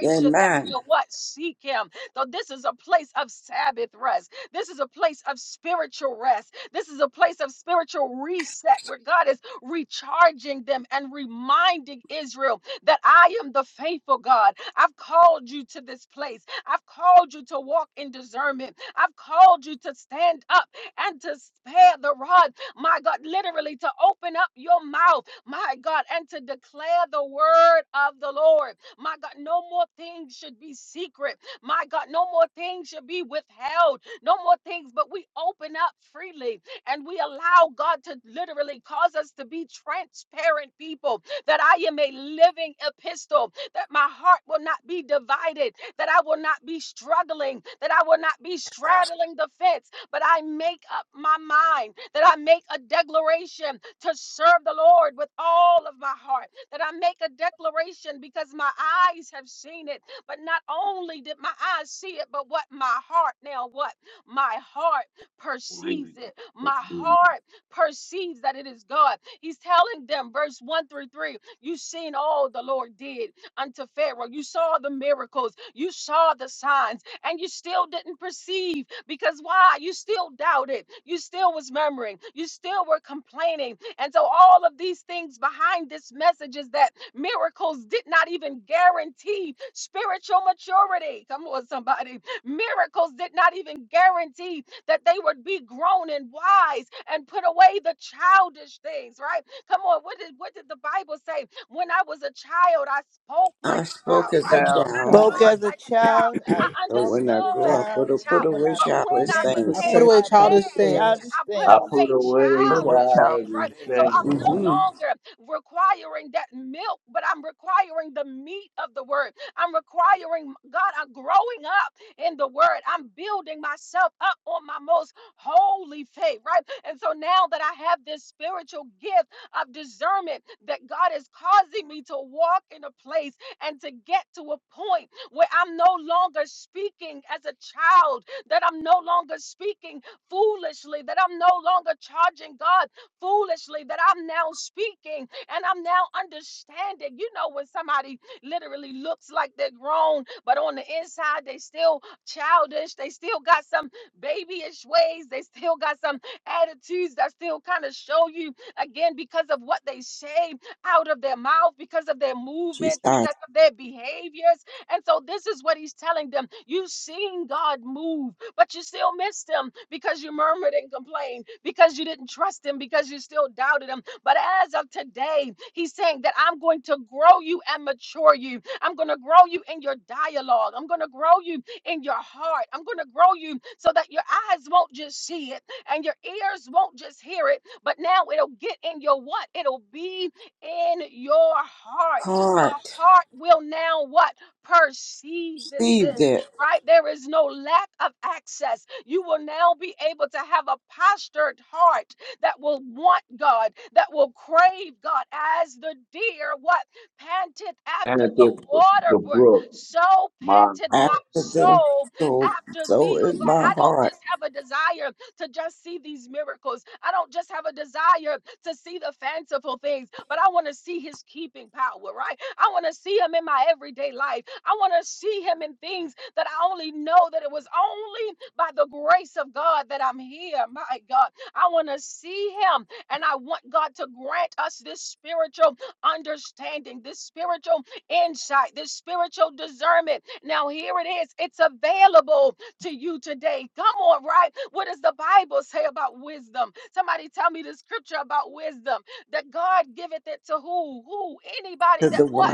Speaker 8: that
Speaker 1: that
Speaker 8: mine
Speaker 1: will what? Seek him. So this is a place of Sabbath rest. This is a place of spiritual rest. This is a place of spiritual reset where God is recharging them and reminding Israel that I am the faithful God. I've called you to this place. I've called you to walk in discernment. I've called you to stand up and to spare the rod. My God, literally to open up your mouth, my God, and to declare the word of the Lord. My God, no more things should be secret. My God, no more things should be withheld. No more things, but we open up freely and we allow God to literally cause us to be transparent people that I am a living epistle that my heart will not be divided, that I will not be struggling, that I will not be straddling the fence, but I make up my mind, that I make a declaration to serve the Lord with all of my heart, that I make a declaration because my eyes have seen it. But not only did my eyes see it, but what my heart now, what my heart perceives it, my
Speaker 2: please.
Speaker 1: heart perceives that it is God. He's telling them, verse 1 through 3, you've seen all the Lord did unto Pharaoh. You saw the miracles, you saw the signs, and you still didn't perceive because why? You still doubted, you still was murmuring, you still were complaining. And so, all of these things behind this message is that miracles did not even guarantee spiritual maturity. Come on, somebody. Miracles did not even guarantee that they would be grown and wise and put away the childish things, right? Come on, what did what did the Bible say? When I was a child, I spoke like
Speaker 8: I
Speaker 1: a
Speaker 8: spoke
Speaker 1: child,
Speaker 8: as
Speaker 1: right?
Speaker 8: a
Speaker 6: now.
Speaker 8: child,
Speaker 4: Spoke
Speaker 9: child.
Speaker 1: Lord
Speaker 4: as a
Speaker 1: like a child.
Speaker 4: child,
Speaker 1: I
Speaker 4: I
Speaker 8: but
Speaker 4: talked
Speaker 8: when I
Speaker 4: as a
Speaker 1: understood
Speaker 3: I,
Speaker 1: it
Speaker 8: grow up,
Speaker 1: as
Speaker 4: child,
Speaker 1: a
Speaker 8: it'll put
Speaker 4: but
Speaker 1: child.
Speaker 4: when
Speaker 8: away
Speaker 4: I
Speaker 1: But when
Speaker 8: childish
Speaker 1: I
Speaker 4: became a
Speaker 3: I
Speaker 8: things.
Speaker 4: man,
Speaker 3: put
Speaker 1: became
Speaker 9: Perfect
Speaker 1: a
Speaker 3: away
Speaker 4: I
Speaker 9: our
Speaker 4: put
Speaker 3: childish
Speaker 4: away
Speaker 1: man,
Speaker 4: childish
Speaker 3: things.
Speaker 1: I put
Speaker 2: I
Speaker 4: things.
Speaker 2: put
Speaker 1: away
Speaker 2: away
Speaker 6: But it will
Speaker 1: childish
Speaker 6: child.
Speaker 1: things, right?
Speaker 2: childish
Speaker 1: So I'm
Speaker 2: things
Speaker 1: no
Speaker 8: Mm-hmm.
Speaker 1: longer requiring that milk, but I'm requiring the meat of the word. I'm requiring, God, I'm growing up in the word. I'm building myself up on my most holy faith, right? And so now that I have this spiritual gift of discernment, that God is causing me to walk in a place and to get to a point where I'm no longer speaking as a child, that I'm no longer speaking foolishly, that I'm no longer charging God foolishly, that I'm now speaking and I'm now understanding. You know, when somebody literally looks like they're grown, but on the inside, they still childish, they still got some babyish ways, they still got some attitudes that still kind of show you again because of what they say out of their mouth, because of their
Speaker 8: Jesus.
Speaker 1: movements, because of their behaviors and so this is what he's telling them. You've seen God move, but you still missed him because you murmured and complained, because you didn't trust him, because you still doubted him. But as of today, he's saying that I'm going to grow you and mature you. I'm going to grow you in your dialogue. I'm going to grow you in your heart. I'm going to grow you so that your eyes won't just see it and your ears won't just hear it, but now it'll get in your what? It'll be in your heart. Your
Speaker 8: Heart.
Speaker 1: heart will now what? perceive this
Speaker 8: Received
Speaker 1: thing,
Speaker 8: it
Speaker 1: right? There is no lack of access. You will now be able to have a postured heart that will want God, that will crave God as the deer, what panteth
Speaker 2: and
Speaker 1: after
Speaker 2: it is
Speaker 1: the
Speaker 2: the
Speaker 1: water brook.
Speaker 2: brook,
Speaker 1: So
Speaker 2: my
Speaker 1: panteth my
Speaker 8: after
Speaker 2: heart.
Speaker 8: the
Speaker 1: soul
Speaker 8: soul.
Speaker 1: after thee,
Speaker 8: So
Speaker 1: oh
Speaker 8: is my
Speaker 1: God. I don't
Speaker 8: heart
Speaker 1: just have a desire to just see these miracles. I don't just have a desire to see the fanciful things, but I want to see his keeping power, right? I want to see him in my everyday life. I want to see him in things that I only know that it was only by the grace of God that I'm here. My God, I want to see him, and I want God to grant us this spiritual understanding, this spiritual insight, this spiritual discernment. Now, here it is, it's available to you today. Come on, right? What does the Bible say about wisdom? Somebody tell me the scripture about wisdom that God giveth it to who? Who? Anybody
Speaker 8: to
Speaker 1: that
Speaker 8: the
Speaker 1: what?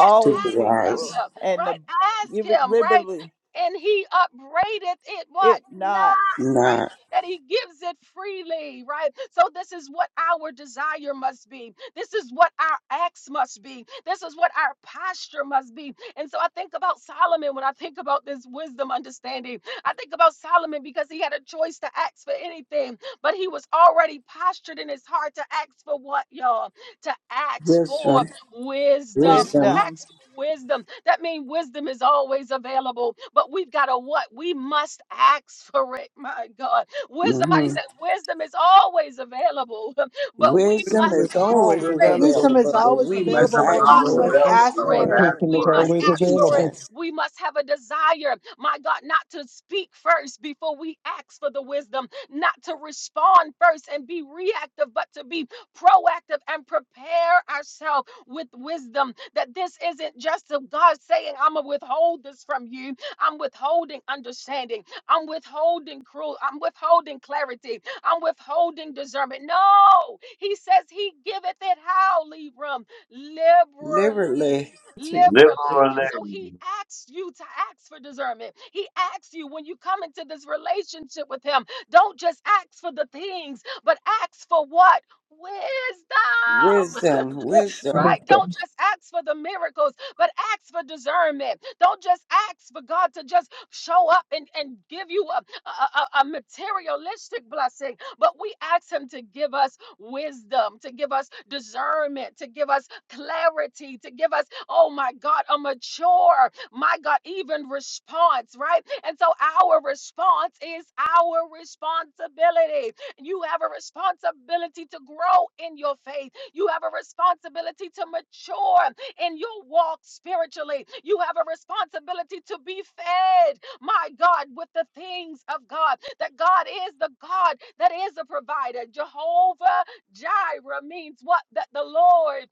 Speaker 1: That
Speaker 8: to the
Speaker 1: asks of
Speaker 8: wise.
Speaker 4: people,
Speaker 1: him,
Speaker 4: and the,
Speaker 1: right? Ask
Speaker 4: give it
Speaker 1: him, right?
Speaker 4: liberally,
Speaker 1: And he upbraideth it what?
Speaker 4: it not
Speaker 1: Not, right?
Speaker 8: Nah.
Speaker 1: That he gives it freely, right? So, this is what our desire must be. This is what our acts must be. This is what our posture must be. And so, I think about Solomon when I think about this wisdom understanding. I think about Solomon because he had a choice to ask for anything, but he was already postured in his heart to ask for what, y'all? To ask for
Speaker 8: Wisdom.
Speaker 1: wisdom. To
Speaker 8: Wisdom.
Speaker 4: wisdom.
Speaker 1: ask for wisdom. That means wisdom is always available, but we've got to what? We must ask for it. My God. Wisdom, I
Speaker 8: hmm
Speaker 1: said wisdom is always available, but we
Speaker 8: Wisdom
Speaker 1: must
Speaker 9: Wisdom is
Speaker 8: is
Speaker 1: ask
Speaker 9: always
Speaker 1: for
Speaker 8: always
Speaker 1: it.
Speaker 3: Wisdom
Speaker 9: available.
Speaker 8: available,
Speaker 3: is
Speaker 1: But
Speaker 8: but
Speaker 3: always
Speaker 8: we
Speaker 1: we
Speaker 8: must
Speaker 3: available
Speaker 2: Wisdom
Speaker 9: Thank
Speaker 2: is
Speaker 3: when
Speaker 9: you,
Speaker 8: ask
Speaker 3: we
Speaker 1: must
Speaker 2: always
Speaker 8: for
Speaker 9: Lord.
Speaker 8: it.
Speaker 3: must
Speaker 9: Thank
Speaker 2: available.
Speaker 1: ask
Speaker 3: ask
Speaker 2: We
Speaker 9: you,
Speaker 1: for
Speaker 3: for
Speaker 1: it.
Speaker 2: must
Speaker 9: God.
Speaker 2: ask
Speaker 3: it.
Speaker 7: Wisdom
Speaker 1: We
Speaker 7: is
Speaker 2: for it.
Speaker 1: must
Speaker 8: Thank
Speaker 7: always
Speaker 8: you,
Speaker 1: ask for it
Speaker 7: available.
Speaker 8: Jesus.
Speaker 1: we must have a desire, my God, not to speak first before we ask for the wisdom, not to respond first and be reactive, but to be proactive and prepare ourselves with wisdom. That this isn't just of God saying, I'm going to withhold this from you. I'm withholding understanding. I'm withholding cruel. I'm withholding clarity. I'm withholding discernment. No, he says he giveth it how, Libram?
Speaker 8: Liberally,
Speaker 1: liberally,
Speaker 9: Thank
Speaker 1: liberally. So he
Speaker 2: Liberally.
Speaker 1: asks you to ask for discernment. He asks you when you come into this relationship with him, don't just ask for the things, but ask for what? Wisdom.
Speaker 8: wisdom,
Speaker 1: right?
Speaker 8: wisdom
Speaker 1: Don't
Speaker 7: Wisdom.
Speaker 1: just ask for the miracles, but ask for discernment. Don't just ask for God to just show up and, and give you a, a, a a materialistic blessing, but we ask Him to give us wisdom, to give us discernment, to give us clarity, to give us, oh my God, a mature, my God, even response, right? And so our response is our responsibility. You have a responsibility to grow in your faith you have a responsibility to mature in your walk spiritually. You have a responsibility to be fed, my God, with the things of God. That God is the God that is a provider. Jehovah Jireh means what? That the Lord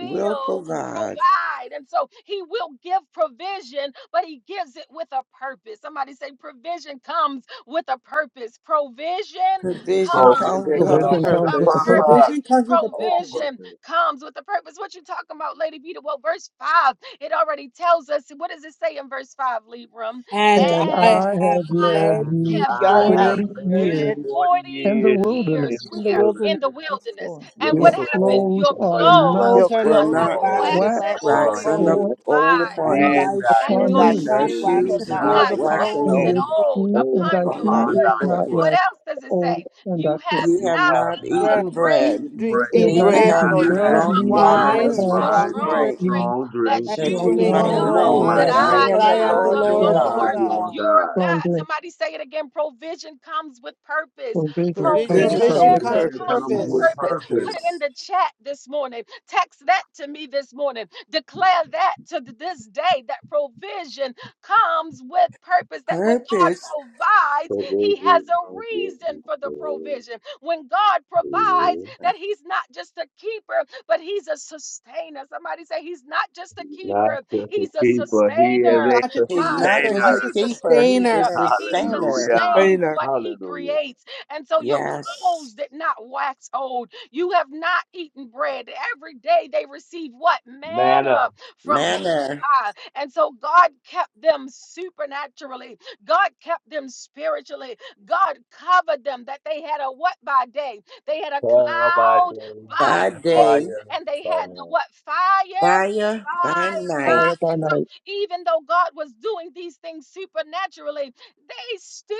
Speaker 8: will provide.
Speaker 1: provide. And so he will give provision, but he gives it with a purpose. Somebody say, provision comes with a purpose. Provision
Speaker 8: Provision
Speaker 2: So
Speaker 9: you.
Speaker 2: we
Speaker 1: comes
Speaker 8: comes
Speaker 9: Provision
Speaker 2: can
Speaker 8: with a
Speaker 9: comes
Speaker 2: come
Speaker 9: with
Speaker 7: Provision
Speaker 1: with
Speaker 2: to the
Speaker 7: comes with a
Speaker 8: purpose.
Speaker 3: The
Speaker 1: a
Speaker 7: purpose.
Speaker 1: purpose.
Speaker 2: purpose.
Speaker 3: vision comes with a
Speaker 2: All
Speaker 3: purpose.
Speaker 1: Provision
Speaker 2: purpose.
Speaker 1: comes with a purpose. What you talking about, Lady Peter? Well, verse 5, it already tells us. What does it say in verse 5, Libram?
Speaker 3: And
Speaker 7: And
Speaker 1: And
Speaker 3: I
Speaker 7: I
Speaker 3: have
Speaker 7: have led
Speaker 3: led
Speaker 2: And
Speaker 1: I
Speaker 7: you
Speaker 3: you
Speaker 1: have
Speaker 2: I
Speaker 4: Y'all not
Speaker 1: led
Speaker 2: have
Speaker 7: 40
Speaker 3: 40
Speaker 4: eating
Speaker 2: lived
Speaker 3: years
Speaker 1: you
Speaker 7: years
Speaker 4: bread.
Speaker 2: 40
Speaker 1: 40
Speaker 7: in the
Speaker 2: years in
Speaker 1: years
Speaker 7: wilderness.
Speaker 2: the
Speaker 3: in the
Speaker 1: where? In
Speaker 3: wilderness.
Speaker 1: the
Speaker 2: wilderness.
Speaker 4: That's
Speaker 1: wilderness.
Speaker 4: cool.
Speaker 2: Your
Speaker 1: And
Speaker 7: Your
Speaker 4: Yeah.
Speaker 1: what
Speaker 8: Mm,
Speaker 1: happened?
Speaker 2: clothes
Speaker 7: clothes
Speaker 1: Your
Speaker 2: were
Speaker 7: are
Speaker 3: Your
Speaker 2: not
Speaker 1: clothes
Speaker 7: not
Speaker 4: Your
Speaker 3: clothes are
Speaker 8: We're
Speaker 1: are
Speaker 4: clothes
Speaker 2: waxing
Speaker 3: not
Speaker 8: not
Speaker 4: have
Speaker 1: not
Speaker 4: not
Speaker 2: old
Speaker 3: waxing
Speaker 1: waxing
Speaker 7: waxed
Speaker 4: waxed
Speaker 3: old
Speaker 2: upon
Speaker 1: old.
Speaker 3: upon,
Speaker 8: waxing up
Speaker 2: you,
Speaker 7: or
Speaker 4: old
Speaker 8: old
Speaker 1: My
Speaker 4: upon
Speaker 3: you,
Speaker 4: thee,
Speaker 8: upon
Speaker 1: God.
Speaker 3: and
Speaker 2: and
Speaker 8: you,
Speaker 3: thy
Speaker 2: thy
Speaker 1: And
Speaker 7: upon
Speaker 4: and
Speaker 3: shoe
Speaker 1: your
Speaker 3: is
Speaker 4: thy
Speaker 8: and
Speaker 7: you,
Speaker 8: our
Speaker 3: not
Speaker 2: shoes
Speaker 4: shoes
Speaker 1: shoes
Speaker 2: is
Speaker 3: waxing
Speaker 4: have
Speaker 8: shoes is
Speaker 4: not
Speaker 2: not
Speaker 8: not
Speaker 3: old
Speaker 1: not
Speaker 4: waxed
Speaker 3: upon
Speaker 8: waxing
Speaker 3: you
Speaker 7: and
Speaker 4: old
Speaker 1: waxing
Speaker 3: as
Speaker 7: your
Speaker 2: waxing
Speaker 8: old
Speaker 3: for
Speaker 1: old
Speaker 7: feet
Speaker 2: old
Speaker 7: and thy
Speaker 1: upon
Speaker 4: upon
Speaker 1: your
Speaker 8: upon thy
Speaker 4: thy
Speaker 2: upon
Speaker 7: shoe is
Speaker 1: foot.
Speaker 2: thy
Speaker 4: feet.
Speaker 8: foot.
Speaker 7: not
Speaker 2: foot.
Speaker 1: What
Speaker 7: waxed
Speaker 1: else does it say?
Speaker 7: old and
Speaker 1: You
Speaker 7: backward.
Speaker 1: have
Speaker 8: You
Speaker 2: You
Speaker 8: have
Speaker 1: not
Speaker 2: have
Speaker 8: not
Speaker 2: not
Speaker 1: eaten
Speaker 8: eaten
Speaker 3: bread.
Speaker 1: bread
Speaker 8: bread,
Speaker 2: eaten
Speaker 4: Drink
Speaker 7: They
Speaker 3: Neither
Speaker 4: eaten
Speaker 7: have
Speaker 2: bread,
Speaker 7: not
Speaker 8: neither
Speaker 1: needs
Speaker 3: have
Speaker 4: bread,
Speaker 1: that
Speaker 3: you
Speaker 8: have
Speaker 7: eaten
Speaker 4: nor
Speaker 8: you
Speaker 2: neither
Speaker 1: have you
Speaker 4: drunk
Speaker 7: bread,
Speaker 2: have
Speaker 3: drunk
Speaker 8: drunk
Speaker 1: drunk
Speaker 2: you
Speaker 7: neither
Speaker 4: wine
Speaker 8: wine
Speaker 4: or
Speaker 1: wine
Speaker 3: wine
Speaker 8: or
Speaker 3: or
Speaker 2: drunken
Speaker 7: have
Speaker 1: or
Speaker 4: strong
Speaker 8: strong
Speaker 2: wine
Speaker 3: strong
Speaker 2: or
Speaker 1: strong
Speaker 8: drink
Speaker 3: drink,
Speaker 4: drinks,
Speaker 1: drink,
Speaker 7: you
Speaker 2: strong
Speaker 4: and
Speaker 2: drink,
Speaker 1: that
Speaker 3: that
Speaker 4: you
Speaker 8: that
Speaker 1: you
Speaker 7: drunk
Speaker 3: you
Speaker 4: will
Speaker 8: you
Speaker 1: may
Speaker 3: may
Speaker 8: might
Speaker 4: know
Speaker 7: wine
Speaker 2: that
Speaker 4: that
Speaker 2: you
Speaker 1: know
Speaker 8: know
Speaker 3: know
Speaker 4: I
Speaker 1: that
Speaker 2: might
Speaker 7: or
Speaker 8: that I
Speaker 4: am
Speaker 2: know
Speaker 1: I
Speaker 3: that
Speaker 8: am
Speaker 4: the
Speaker 3: I
Speaker 8: the
Speaker 2: that I
Speaker 3: am
Speaker 1: am
Speaker 3: the
Speaker 4: Lord
Speaker 1: the
Speaker 8: Lord your
Speaker 2: am the
Speaker 7: drunk
Speaker 3: Lord
Speaker 4: your
Speaker 2: Lord
Speaker 8: God.
Speaker 1: Lord
Speaker 3: thy
Speaker 4: God.
Speaker 2: your
Speaker 3: God.
Speaker 1: your
Speaker 2: God.
Speaker 7: strong
Speaker 1: God.
Speaker 7: drink,
Speaker 1: Somebody say it again. Provision comes with purpose.
Speaker 7: for vision comes
Speaker 4: Provision
Speaker 8: Purpose,
Speaker 9: provision
Speaker 7: with
Speaker 4: comes
Speaker 9: come
Speaker 3: Provision
Speaker 7: purpose.
Speaker 9: with
Speaker 4: with
Speaker 1: Provision
Speaker 2: There
Speaker 3: comes
Speaker 9: purpose.
Speaker 3: with
Speaker 4: purpose.
Speaker 1: comes
Speaker 2: comes
Speaker 1: with
Speaker 8: and with
Speaker 2: with
Speaker 3: purpose.
Speaker 1: purpose.
Speaker 2: purpose.
Speaker 1: Put it in
Speaker 8: purpose.
Speaker 1: the chat this morning. Text that to me this morning. Declare that to th- this day that provision comes with purpose. That when God
Speaker 8: Purpose,
Speaker 1: provides,
Speaker 2: So those
Speaker 1: He has
Speaker 2: who come
Speaker 1: a
Speaker 2: with me
Speaker 1: reason for the
Speaker 2: will
Speaker 1: provision when God provides that He's not just a keeper, but He's a sustainer. Somebody say, He's not just a
Speaker 2: Not
Speaker 1: keeper,
Speaker 2: just a
Speaker 1: He's a
Speaker 2: keeper, he
Speaker 1: sustainer.
Speaker 3: He's
Speaker 2: is a
Speaker 3: not just a
Speaker 1: My
Speaker 8: he's not
Speaker 3: keeper,
Speaker 8: just
Speaker 2: sustainer.
Speaker 1: God,
Speaker 8: a
Speaker 3: he's a
Speaker 1: He's a
Speaker 8: keeper, he's a
Speaker 1: sustainer.
Speaker 3: sustainer.
Speaker 1: He
Speaker 8: sustainer.
Speaker 2: Hallelujah.
Speaker 1: sustains
Speaker 9: Sustainer.
Speaker 1: what He
Speaker 2: Hallelujah.
Speaker 1: creates. And so your
Speaker 8: Yes.
Speaker 1: clothes did not wax old. You have not eaten bread. Every day they receive what?
Speaker 2: Manna,
Speaker 1: Manna from on
Speaker 8: Manner,
Speaker 1: high. And so God kept them supernaturally, God kept them spiritually. God covered them, that they had a what by day? They had a
Speaker 2: fire by day,
Speaker 1: cloud by
Speaker 8: by
Speaker 2: and
Speaker 1: day,
Speaker 8: day,
Speaker 2: fire
Speaker 1: and they
Speaker 2: by
Speaker 1: had the
Speaker 2: night.
Speaker 1: what? Fire
Speaker 8: fire, by
Speaker 1: by
Speaker 8: night.
Speaker 7: Fire
Speaker 1: night.
Speaker 7: by
Speaker 1: And so,
Speaker 7: night.
Speaker 1: even though God was doing these things supernaturally, they still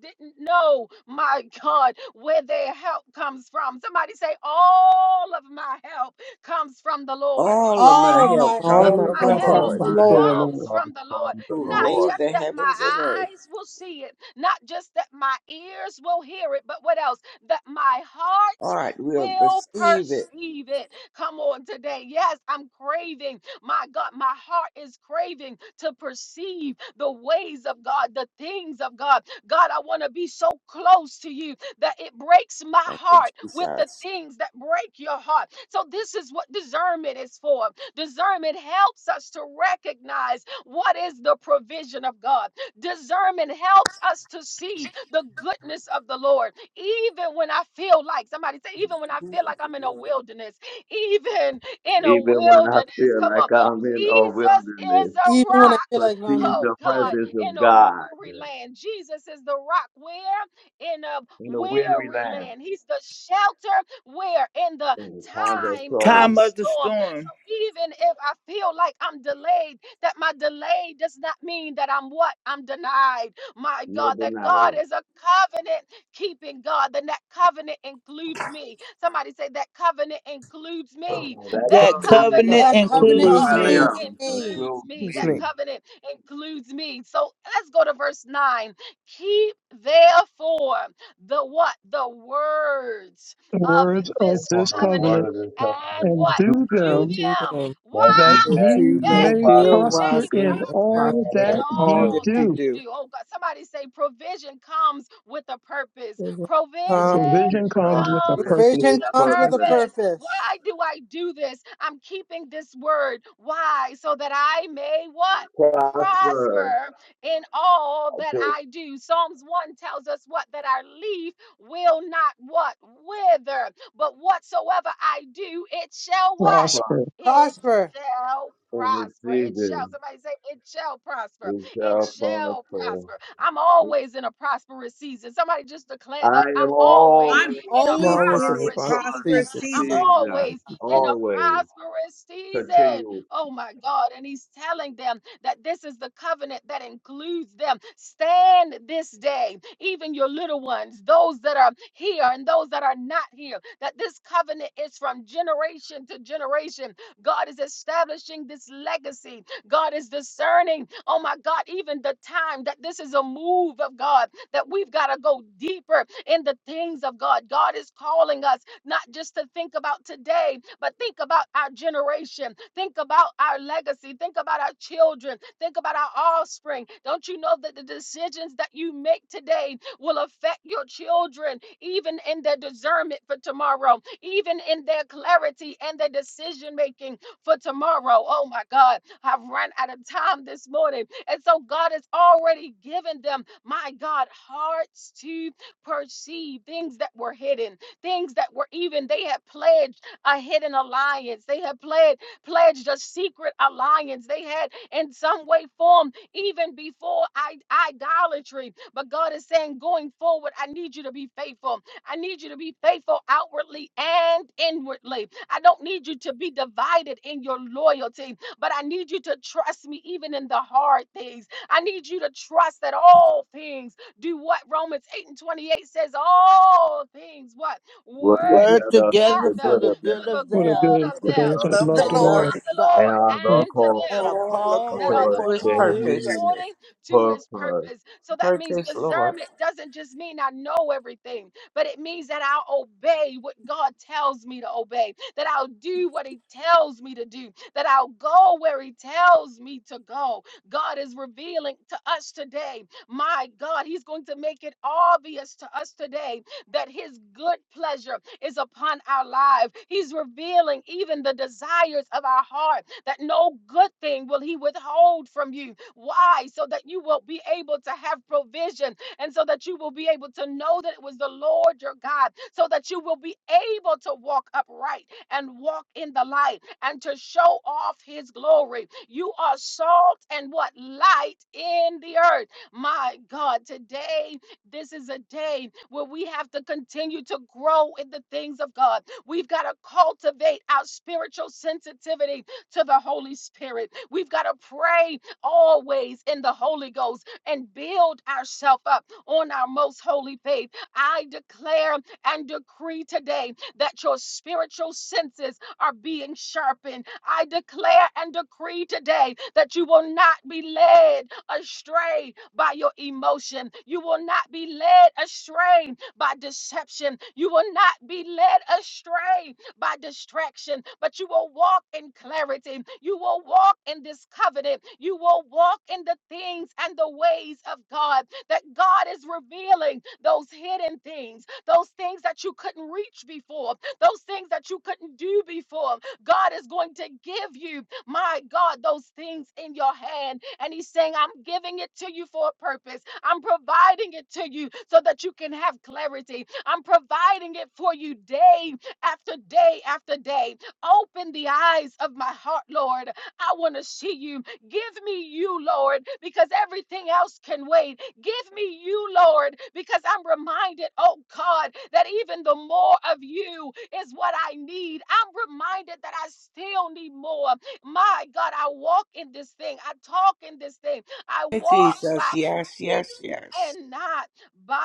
Speaker 1: didn't know, my God, where their help comes from. Somebody say, All of my help comes from the Lord.
Speaker 8: All of my
Speaker 3: All of
Speaker 1: All
Speaker 8: help
Speaker 3: my
Speaker 9: All
Speaker 1: of
Speaker 9: of
Speaker 8: comes
Speaker 3: help
Speaker 7: All
Speaker 9: my
Speaker 7: of
Speaker 8: from the
Speaker 1: my
Speaker 7: my
Speaker 9: help
Speaker 3: comes
Speaker 2: All
Speaker 7: help
Speaker 2: of
Speaker 9: comes
Speaker 1: help
Speaker 3: from
Speaker 8: Lord
Speaker 9: from
Speaker 3: the
Speaker 7: comes
Speaker 2: my
Speaker 9: the
Speaker 7: from the
Speaker 3: Lord,
Speaker 9: Lord.
Speaker 2: help
Speaker 1: comes
Speaker 7: Lord.
Speaker 1: from
Speaker 2: comes
Speaker 1: the Lord.
Speaker 2: from the
Speaker 8: who
Speaker 9: Thank
Speaker 1: Not
Speaker 9: you,
Speaker 2: Lord.
Speaker 8: made
Speaker 1: just
Speaker 8: the
Speaker 9: Lord.
Speaker 1: that my
Speaker 8: heavens and earth.
Speaker 1: eyes will see it, not just that my ears will hear it, but what else? That my heart
Speaker 8: Art will
Speaker 1: will
Speaker 8: receive it.
Speaker 1: perceive it. Come on today. Yes, I'm craving. My God, my heart is craving to perceive the ways of God, the things of God. God, I want to be so close to you that it breaks my
Speaker 8: Thank you,
Speaker 1: heart
Speaker 8: Jesus.
Speaker 1: with the
Speaker 8: Those
Speaker 1: things that break your heart. So, this is what discernment is for. Discernment helps us to recognize what is the provision of God. Discernment helps us to see the goodness of the Lord. Even when I feel like, somebody say, even when I feel like I'm in a wilderness, even in a
Speaker 2: Even when I
Speaker 1: wilderness,
Speaker 2: feel
Speaker 1: come on.
Speaker 2: like I'm in a
Speaker 1: Jesus is
Speaker 2: wilderness,
Speaker 1: a
Speaker 3: even
Speaker 2: I
Speaker 3: when I
Speaker 1: rock.
Speaker 3: feel like I'm in.
Speaker 2: perceive
Speaker 1: Oh
Speaker 2: the
Speaker 3: the
Speaker 1: God,
Speaker 3: covenant.
Speaker 2: presence of
Speaker 1: in a
Speaker 2: God
Speaker 1: weary land. Jesus is the rock. Where? In a
Speaker 2: in a weary
Speaker 1: weary
Speaker 2: land.
Speaker 1: land. He's the shelter where? In the
Speaker 2: In times of
Speaker 1: time of
Speaker 4: Time
Speaker 2: trouble,
Speaker 4: of the
Speaker 1: storm.
Speaker 4: storm.
Speaker 1: So even if I feel like I'm delayed, that my delay does not mean that I'm what? I'm denied. My
Speaker 2: no
Speaker 1: God, that God
Speaker 2: denial.
Speaker 1: is a covenant keeping God, then that covenant includes me. Somebody say, That covenant includes me.
Speaker 2: That
Speaker 1: That
Speaker 4: That
Speaker 2: covenant
Speaker 9: Huh.
Speaker 4: covenant
Speaker 1: covenant,
Speaker 3: That
Speaker 1: oh
Speaker 2: includes
Speaker 3: covenant
Speaker 4: includes
Speaker 9: includes
Speaker 4: me.
Speaker 9: me.
Speaker 3: includes
Speaker 1: God,
Speaker 2: William,
Speaker 3: me.
Speaker 1: includes
Speaker 2: includes
Speaker 1: me.
Speaker 9: Includes
Speaker 1: That
Speaker 2: me.
Speaker 9: me.
Speaker 1: covenant includes me. So let's go to verse 9. Keep therefore the what? The words
Speaker 7: The
Speaker 1: of
Speaker 7: words of
Speaker 1: this
Speaker 2: Therefore,
Speaker 7: this
Speaker 2: the
Speaker 1: covenant
Speaker 7: covenant,
Speaker 2: word of the
Speaker 1: and
Speaker 2: covenant
Speaker 7: and
Speaker 1: what?
Speaker 2: unto
Speaker 7: do
Speaker 1: Do
Speaker 2: them.
Speaker 9: And
Speaker 7: them
Speaker 9: do
Speaker 1: them.
Speaker 9: them
Speaker 2: That
Speaker 7: that
Speaker 2: you,
Speaker 9: that
Speaker 1: Why?
Speaker 2: that
Speaker 7: ye
Speaker 9: you
Speaker 2: you may
Speaker 1: that
Speaker 9: may
Speaker 7: may
Speaker 9: deal
Speaker 1: you
Speaker 2: prosper
Speaker 7: prosper
Speaker 1: may
Speaker 7: in
Speaker 9: wisely and
Speaker 2: in
Speaker 1: prosper
Speaker 7: all
Speaker 2: all
Speaker 9: prosper
Speaker 1: in
Speaker 2: that
Speaker 7: that
Speaker 9: in
Speaker 2: you
Speaker 9: all
Speaker 7: ye
Speaker 2: do.
Speaker 1: all
Speaker 9: that
Speaker 1: that
Speaker 9: you
Speaker 7: do.
Speaker 1: you
Speaker 9: do.
Speaker 1: do. Oh God, somebody say provision comes with a purpose.
Speaker 9: Provision
Speaker 1: Provision
Speaker 2: Provision
Speaker 7: Provision
Speaker 9: Thank
Speaker 7: comes
Speaker 2: comes
Speaker 7: with a
Speaker 1: comes
Speaker 2: with
Speaker 1: with
Speaker 2: his
Speaker 7: purpose.
Speaker 3: Provision
Speaker 1: a
Speaker 3: comes with
Speaker 9: you.
Speaker 3: a
Speaker 2: purpose.
Speaker 9: Jesus.
Speaker 1: purpose.
Speaker 3: purpose.
Speaker 1: Why do I do this? I'm keeping this word. Why? So that I may what?
Speaker 2: Prosper,
Speaker 1: Prosper in all
Speaker 2: I
Speaker 1: that
Speaker 2: do
Speaker 1: I do. Psalms 1 tells us what? That our leaf will not what? Wither. But whatsoever I do, it shall what?
Speaker 2: prosper
Speaker 7: Prosper.
Speaker 1: it
Speaker 3: Prosper.
Speaker 1: shall
Speaker 2: in this
Speaker 1: prosper. It shall.
Speaker 2: season.
Speaker 1: Somebody say, it shall prosper.
Speaker 2: We
Speaker 1: It
Speaker 2: shall
Speaker 1: shall
Speaker 2: prosper.
Speaker 1: prosper. I'm always in a prosperous season. Somebody just declare
Speaker 2: I
Speaker 1: that
Speaker 2: am
Speaker 1: I'm always
Speaker 2: always
Speaker 3: I'm
Speaker 1: in
Speaker 2: in
Speaker 1: a
Speaker 9: I'm
Speaker 2: a
Speaker 3: always
Speaker 9: always
Speaker 3: in
Speaker 9: in
Speaker 3: a
Speaker 9: the
Speaker 1: prosperous
Speaker 2: prosperous
Speaker 1: season.
Speaker 3: prosperous
Speaker 1: I'm
Speaker 3: season.
Speaker 2: season.
Speaker 1: always in a
Speaker 2: Always
Speaker 1: prosperous season.
Speaker 2: continue
Speaker 1: Oh my God. And he's telling them that this is the covenant that includes them. Stand this day, even your little ones, those that are here and those that are not here, that this covenant is from generation to generation God is establishing this legacy. God is discerning, oh my God, even the time that this is a move of God, that we've got to go deeper in the things of God. God is calling us not just to think about today, but think about our generation, think about our legacy, think about our children, think about our offspring. Don't you know that the decisions that you make today will affect your children, even in their discernment for tomorrow, even in their clarity and their decision making for tomorrow. Oh my God, I've run out of time this morning. And so God has already given them, my God, hearts to perceive things that were hidden, things that were even, they had pledged a hidden alliance. They had pledged pledged a secret alliance. They had, in some way, formed even before I, idolatry. But God is saying, going forward, I need you to be faithful. I need you to be faithful outwardly and inwardly. I don't need you to be divided in your loyalty, but I need you to trust me even in the hard things. I need you to trust that all things do what Romans 8 and 28 says all things what
Speaker 2: work
Speaker 1: work
Speaker 4: Word
Speaker 2: together
Speaker 1: together
Speaker 2: for
Speaker 4: together
Speaker 2: the
Speaker 4: for the
Speaker 2: good of them.
Speaker 4: good
Speaker 1: for the
Speaker 4: of
Speaker 7: What a
Speaker 4: them
Speaker 1: good
Speaker 7: good
Speaker 1: of
Speaker 2: They
Speaker 7: for
Speaker 1: them
Speaker 8: That
Speaker 7: those
Speaker 2: love
Speaker 7: that
Speaker 2: the
Speaker 8: love
Speaker 7: love
Speaker 8: the
Speaker 4: that
Speaker 7: the
Speaker 1: that
Speaker 2: Lord
Speaker 8: Lord,
Speaker 4: love
Speaker 1: love
Speaker 7: Lord
Speaker 1: the
Speaker 4: God
Speaker 2: and
Speaker 1: Lord
Speaker 2: are the
Speaker 1: and to
Speaker 2: called
Speaker 4: and are
Speaker 1: them
Speaker 8: all
Speaker 4: called
Speaker 1: that are
Speaker 8: according
Speaker 1: the
Speaker 8: to
Speaker 2: according
Speaker 8: his
Speaker 4: according
Speaker 2: to
Speaker 4: to
Speaker 1: called
Speaker 4: his
Speaker 8: purpose.
Speaker 2: his
Speaker 4: purpose.
Speaker 1: according to his
Speaker 2: purpose.
Speaker 1: purpose. So that means
Speaker 8: Purpose, Lord.
Speaker 1: discernment doesn't just mean I know everything, but it means that I'll obey what God tells me to obey, that I'll do what he tells me to do, that I'll go where he tells me to go. God is revealing to us today, my God, he's going to make it obvious to us today that his good pleasure is upon our life. He's revealing even the desires of our heart that no good thing will he withhold from you. Why? So that you will be able to have provision and so that you will be able to know that it was the Lord your God, so that you will be able to walk upright and walk in the light and to show off his glory. You are salt and what? Light in the earth. My God, today, this is a day where we have to continue to grow in the things of God. We've got to cultivate our spiritual sensitivity to the Holy Spirit. We've got to pray always in the Holy Ghost and build ourselves up on our most holy faith. I declare and decree today that your spiritual senses are being sharpened. I declare and decree today that you will not be led astray by your emotion. You will not be led astray by deception. You will not be led astray by distraction, but you will walk in clarity. You will walk in this covenant. You will walk in the things and the ways of God that God is revealing those hidden things, those things that you couldn't reach before, those things that you couldn't do before. God is going to give you, my God, those things in your hand. And He's saying, I'm giving it to you for a purpose. I'm providing it to you so that you can have clarity. I'm providing it for you day after day after day. Open the eyes of my heart, Lord. I want to see you. Give me you, Lord, because everything else can wait. Give me you, Lord, because I'm reminded, oh God, that even the more of you is what I need. I'm reminded that I still need more. My God, I walk in this thing. I talk in this thing. I
Speaker 8: Hey,
Speaker 1: walk. by
Speaker 8: Jesus, yes, yes, yes.
Speaker 1: and not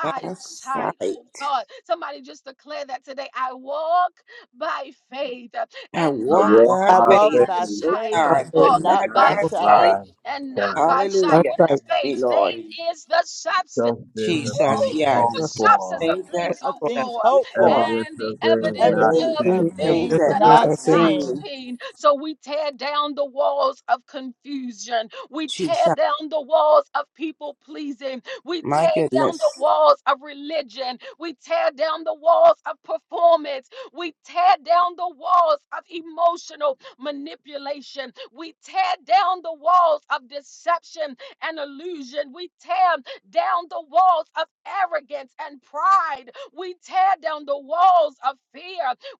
Speaker 8: By
Speaker 1: sight. Oh
Speaker 8: sight.
Speaker 1: God, somebody just declare that today. I walk by faith
Speaker 8: I
Speaker 1: and
Speaker 2: I
Speaker 8: walk
Speaker 1: not
Speaker 2: walk
Speaker 8: by
Speaker 4: I
Speaker 2: by
Speaker 4: walk
Speaker 8: faith,
Speaker 1: by
Speaker 4: by
Speaker 2: faith,
Speaker 8: oh
Speaker 1: sight.
Speaker 4: faith
Speaker 1: I
Speaker 8: God,
Speaker 9: process.
Speaker 8: but
Speaker 4: and
Speaker 1: walk
Speaker 8: not
Speaker 4: not
Speaker 2: not
Speaker 4: by
Speaker 1: by
Speaker 9: That's
Speaker 8: by
Speaker 4: sight
Speaker 1: faith
Speaker 8: sight.
Speaker 2: by
Speaker 1: and not
Speaker 2: sight.
Speaker 1: by sight.
Speaker 8: Hallelujah.
Speaker 1: What
Speaker 8: Help
Speaker 1: is
Speaker 9: like
Speaker 8: me,
Speaker 1: faith?
Speaker 8: Lord.
Speaker 12: they
Speaker 1: Faith is the substance.
Speaker 2: Substance of
Speaker 8: Jesus,
Speaker 2: things
Speaker 1: Ooh, the
Speaker 2: hoped
Speaker 8: yes.
Speaker 9: the
Speaker 1: substance
Speaker 2: for,
Speaker 1: of
Speaker 8: Things that
Speaker 1: things
Speaker 4: of
Speaker 1: hoped
Speaker 8: that
Speaker 4: things
Speaker 1: for
Speaker 4: hoped for,
Speaker 8: before,
Speaker 2: evidence
Speaker 1: and the
Speaker 2: of things
Speaker 1: evidence
Speaker 2: not
Speaker 9: the
Speaker 8: things,
Speaker 4: evidence
Speaker 9: things I've
Speaker 1: of
Speaker 4: of
Speaker 9: seen
Speaker 2: seen.
Speaker 9: and
Speaker 8: things
Speaker 1: things
Speaker 9: just
Speaker 4: things
Speaker 9: the
Speaker 8: that
Speaker 1: that
Speaker 9: things
Speaker 1: are
Speaker 8: not
Speaker 4: not
Speaker 9: I've seen.
Speaker 1: not
Speaker 4: seen.
Speaker 8: seen.
Speaker 1: seen. So we tear down the walls of confusion. We tear
Speaker 8: Jesus,
Speaker 1: down the walls of people pleasing. We
Speaker 8: my
Speaker 1: tear down the
Speaker 8: goodness.
Speaker 1: walls of religion. We tear down the walls of performance. We tear down the walls of emotional manipulation. We tear down the walls of deception and illusion. We tear down the walls of arrogance and pride. We tear down the walls of fear.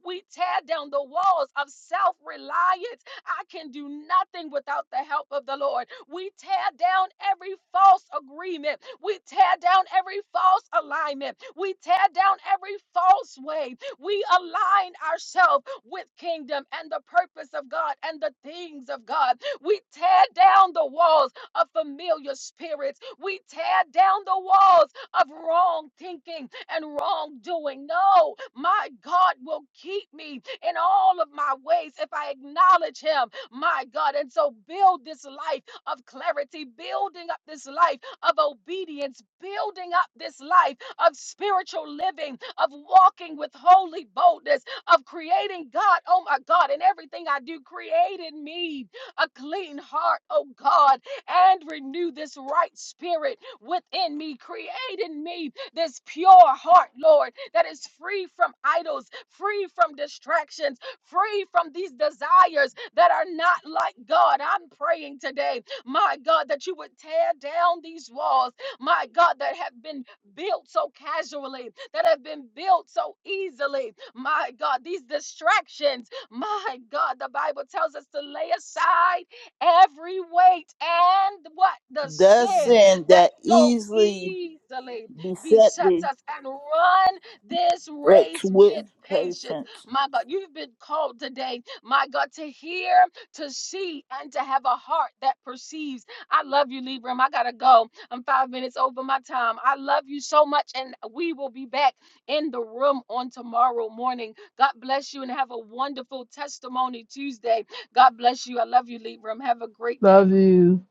Speaker 1: We tear down the walls of self reliance. I can do nothing without the help of the Lord. We tear down every false agreement. We tear down every false alignment. We tear down every false way. We align ourselves with kingdom and the purpose of God and the things of God. We tear down the walls of familiar spirits. We tear down the walls of wrong thinking and wrongdoing. No, my God will keep me in all of my ways if I acknowledge Him, my God. And so build this life of clarity, building up this life of obedience, building up this life of spiritual living, of walking with holy boldness, of creating God. Oh my God, in everything I do, create in me a clean heart, oh God, and renew this right spirit within me. Create in me this pure heart, Lord, that is free from idols, free from distractions, free from these desires that are not like God. I'm praying today, my God, that you would tear down these walls, my God, that have been built so casually, that have been built so easily, my God, these distractions, my God, the Bible tells us to lay aside every weight and what the
Speaker 4: The
Speaker 1: sin
Speaker 4: sin
Speaker 1: that
Speaker 4: that
Speaker 1: so
Speaker 4: easily
Speaker 1: easily
Speaker 4: beset
Speaker 1: besets
Speaker 4: thee,
Speaker 1: us and run this
Speaker 4: which
Speaker 1: race with
Speaker 4: with
Speaker 1: patience.
Speaker 4: patience.
Speaker 1: My God, you've been called today, my God, to hear, to see, and to have a heart that perceives. I love you, Libram. I gotta go. I'm five minutes over my time. I love you so much, and we will be back in the room on tomorrow morning. God bless you and have a wonderful testimony Tuesday. God bless you. I love you, Libram. Have a great day.
Speaker 5: Love you,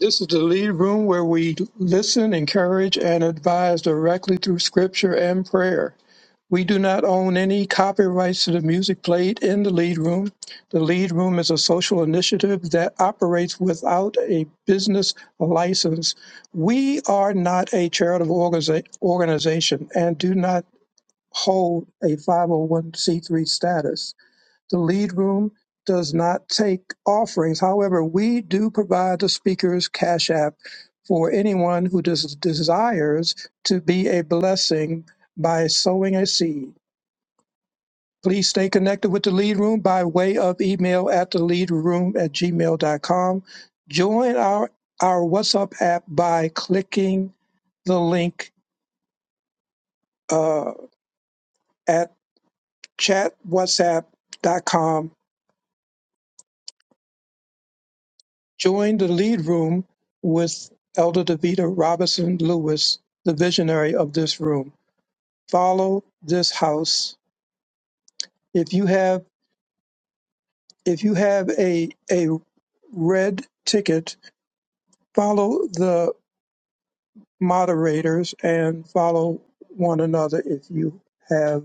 Speaker 7: This is the lead room where we listen, encourage, and advise directly through scripture and prayer. We do not own any copyrights to the music played in the lead room. The lead room is a social initiative that operates without a business license. We are not a charitable organiza- organization and do not hold a 501c3 status. The lead room does not take offerings. However, we do provide the speaker's cash app for anyone who des- desires to be a blessing by sowing a seed. Please stay connected with the lead room by way of email at the lead at gmail.com. Join our, our WhatsApp app by clicking the link uh, at chatwhatsapp.com joined the lead room with Elder Davita Robinson Lewis, the visionary of this room. Follow this house. If you have if you have a a red ticket, follow the moderators and follow one another if you have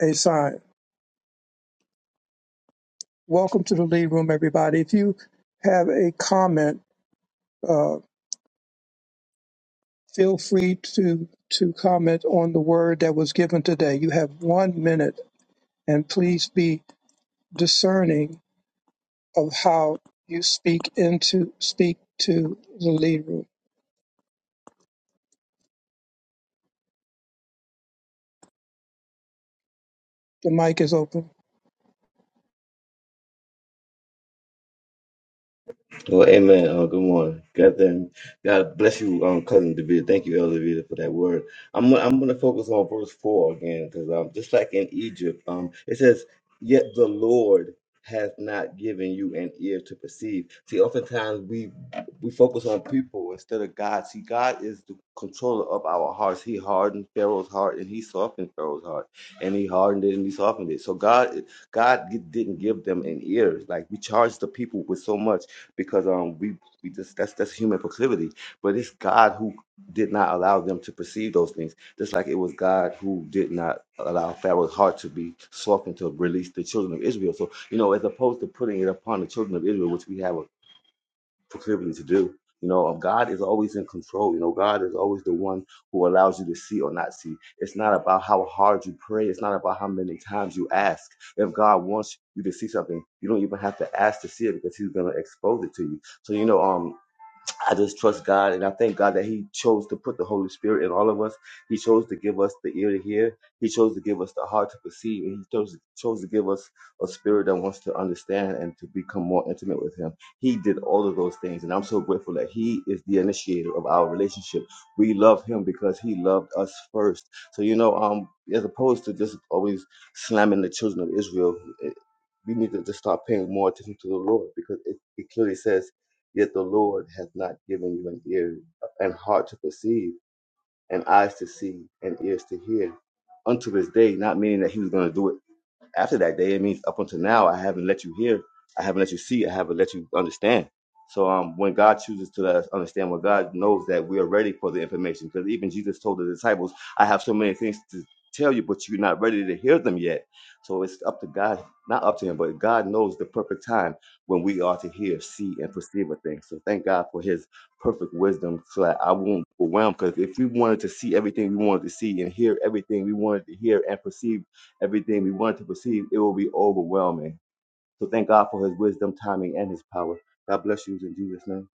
Speaker 7: a sign. Welcome to the lead room, everybody. If you have a comment, uh, feel free to to comment on the word that was given today. You have one minute and please be discerning of how you speak into speak to the lead room. The mic is open.
Speaker 2: Well, amen. Uh, good morning. God, damn, God bless you, um, cousin David. Thank you, Elder Vida, for that word. I'm gonna- I'm going to focus on verse four again because um, just like in Egypt, um, it says, "Yet the Lord hath not given you an ear to perceive." See, oftentimes we we focus on people instead of God. See, God is the controller of our hearts. He hardened Pharaoh's heart and he softened Pharaoh's heart, and he hardened it and he softened it. So God God didn't give them an ear. Like we charge the people with so much because um we we just that's that's human proclivity. But it's God who did not allow them to perceive those things. Just like it was God who did not allow Pharaoh's heart to be softened to release the children of Israel. So, you know, as opposed to putting it upon the children of Israel, which we have a for Cleveland to do. You know, uh, God is always in control. You know, God is always the one who allows you to see or not see. It's not about how hard you pray. It's not about how many times you ask. If God wants you to see something, you don't even have to ask to see it because He's going to expose it to you. So, you know, um, I just trust God and I thank God that He chose to put the Holy Spirit in all of us. He chose to give us the ear to hear. He chose to give us the heart to perceive. And He chose, chose to give us a spirit that wants to understand and to become more intimate with Him. He did all of those things. And I'm so grateful that He is the initiator of our relationship. We love Him because He loved us first. So, you know, um, as opposed to just always slamming the children of Israel, it, we need to just start paying more attention to the Lord because it, it clearly says Yet the Lord hath not given you an ear and heart to perceive, and eyes to see, and ears to hear. Unto this day, not meaning that he was going to do it after that day, it means up until now, I haven't let you hear, I haven't let you see, I haven't let you understand. So um, when God chooses to let us understand, when God knows that we are ready for the information, because even Jesus told the disciples, "I have so many things to tell you, but you're not ready to hear them yet." So it's up to God, not up to Him, but God knows the perfect time when we are to hear, see, and perceive a thing. So thank God for His perfect wisdom, so that I won't be overwhelmed. Because if we wanted to see everything we wanted to see and hear everything we wanted to hear and perceive everything we want to perceive, it will be overwhelming. So thank God for his wisdom, timing, and his power. God bless you in Jesus' name.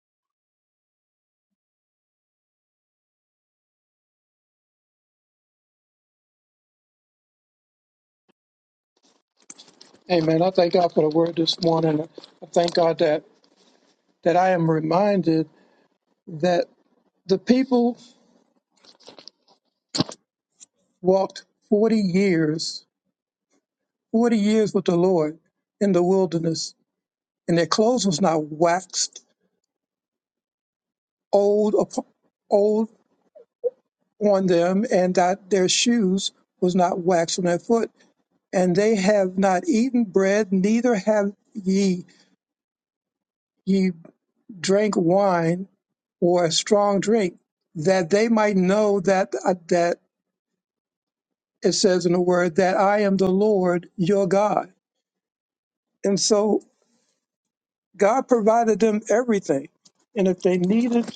Speaker 7: Amen. I thank God for the word this morning. I thank God that that I am reminded that the people walked 40 years, 40 years with the Lord in the wilderness, and their clothes was not waxed old up- old on them, and that their shoes was not waxed on their foot and they have not eaten bread, neither have ye ye drank wine or a strong drink, that they might know that uh, that it says in the word that I am the Lord your God. And so God provided them everything. And if they needed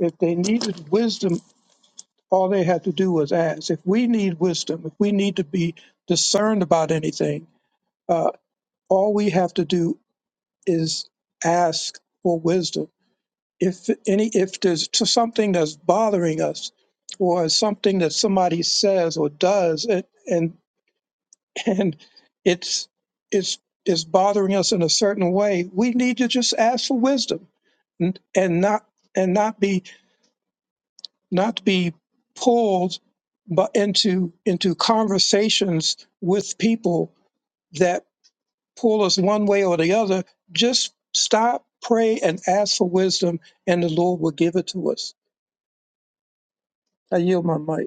Speaker 7: if they needed wisdom, all they had to do was ask. If we need wisdom, if we need to be discerned about anything, uh, all we have to do is ask for wisdom if any if there's t- something that's bothering us or something that somebody says or does and and, and it's it's it's bothering us in a certain way we need to just ask for wisdom and, and not and not be not be pulled but into into conversations with people that pull us one way or the other just stop pray and ask for wisdom and the lord will give it to us i yield my mic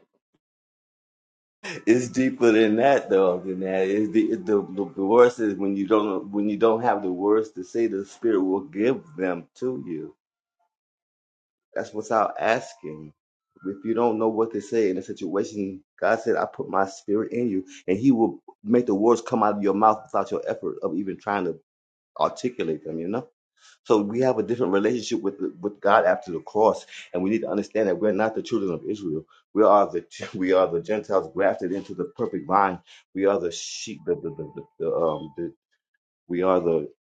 Speaker 2: It's deeper than that, though. Than that, it's the, it- the the the worst is when you don't when you don't have the words to say. The Spirit will give them to you. That's without asking. If you don't know what to say in a situation, God said, "I put my Spirit in you," and He will make the words come out of your mouth without your effort of even trying to articulate them. You know. So we have a different relationship with with God after the cross, and we need to understand that we're not the children of Israel. We are the we are the Gentiles grafted into the perfect vine. We are the sheep. The the the, the, um the, we are the, the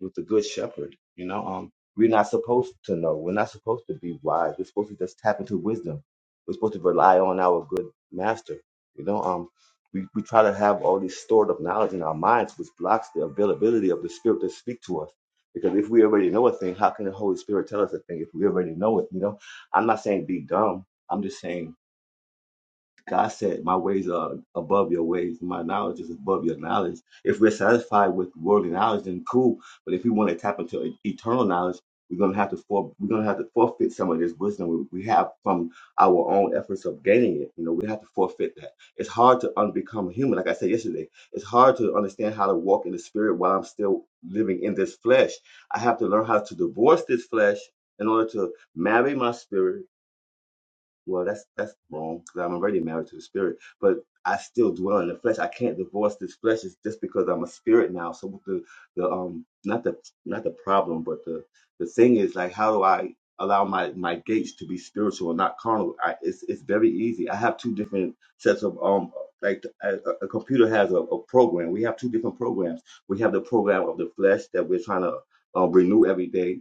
Speaker 2: with the good shepherd. You know, um, we're not supposed to know. We're not supposed to be wise. We're supposed to just tap into wisdom. We're supposed to rely on our good master. You know, um, we, we try to have all this stored up knowledge in our minds, which blocks the availability of the spirit to speak to us. Because if we already know a thing, how can the Holy Spirit tell us a thing if we already know it? You know, I'm not saying be dumb. I'm just saying God said, My ways are above your ways, my knowledge is above your knowledge. If we're satisfied with worldly knowledge, then cool. But if we want to tap into e- eternal knowledge, we're gonna have to for, we're gonna have to forfeit some of this wisdom we, we have from our own efforts of gaining it. You know, we have to forfeit that. It's hard to unbecome human, like I said yesterday. It's hard to understand how to walk in the spirit while I'm still living in this flesh. I have to learn how to divorce this flesh in order to marry my spirit well that's that's wrong because i'm already married to the spirit but i still dwell in the flesh i can't divorce this flesh it's just because i'm a spirit now so what the the um not the not the problem but the the thing is like how do i allow my my gates to be spiritual and not carnal I, it's it's very easy i have two different sets of um like a, a computer has a, a program we have two different programs we have the program of the flesh that we're trying to uh, renew every day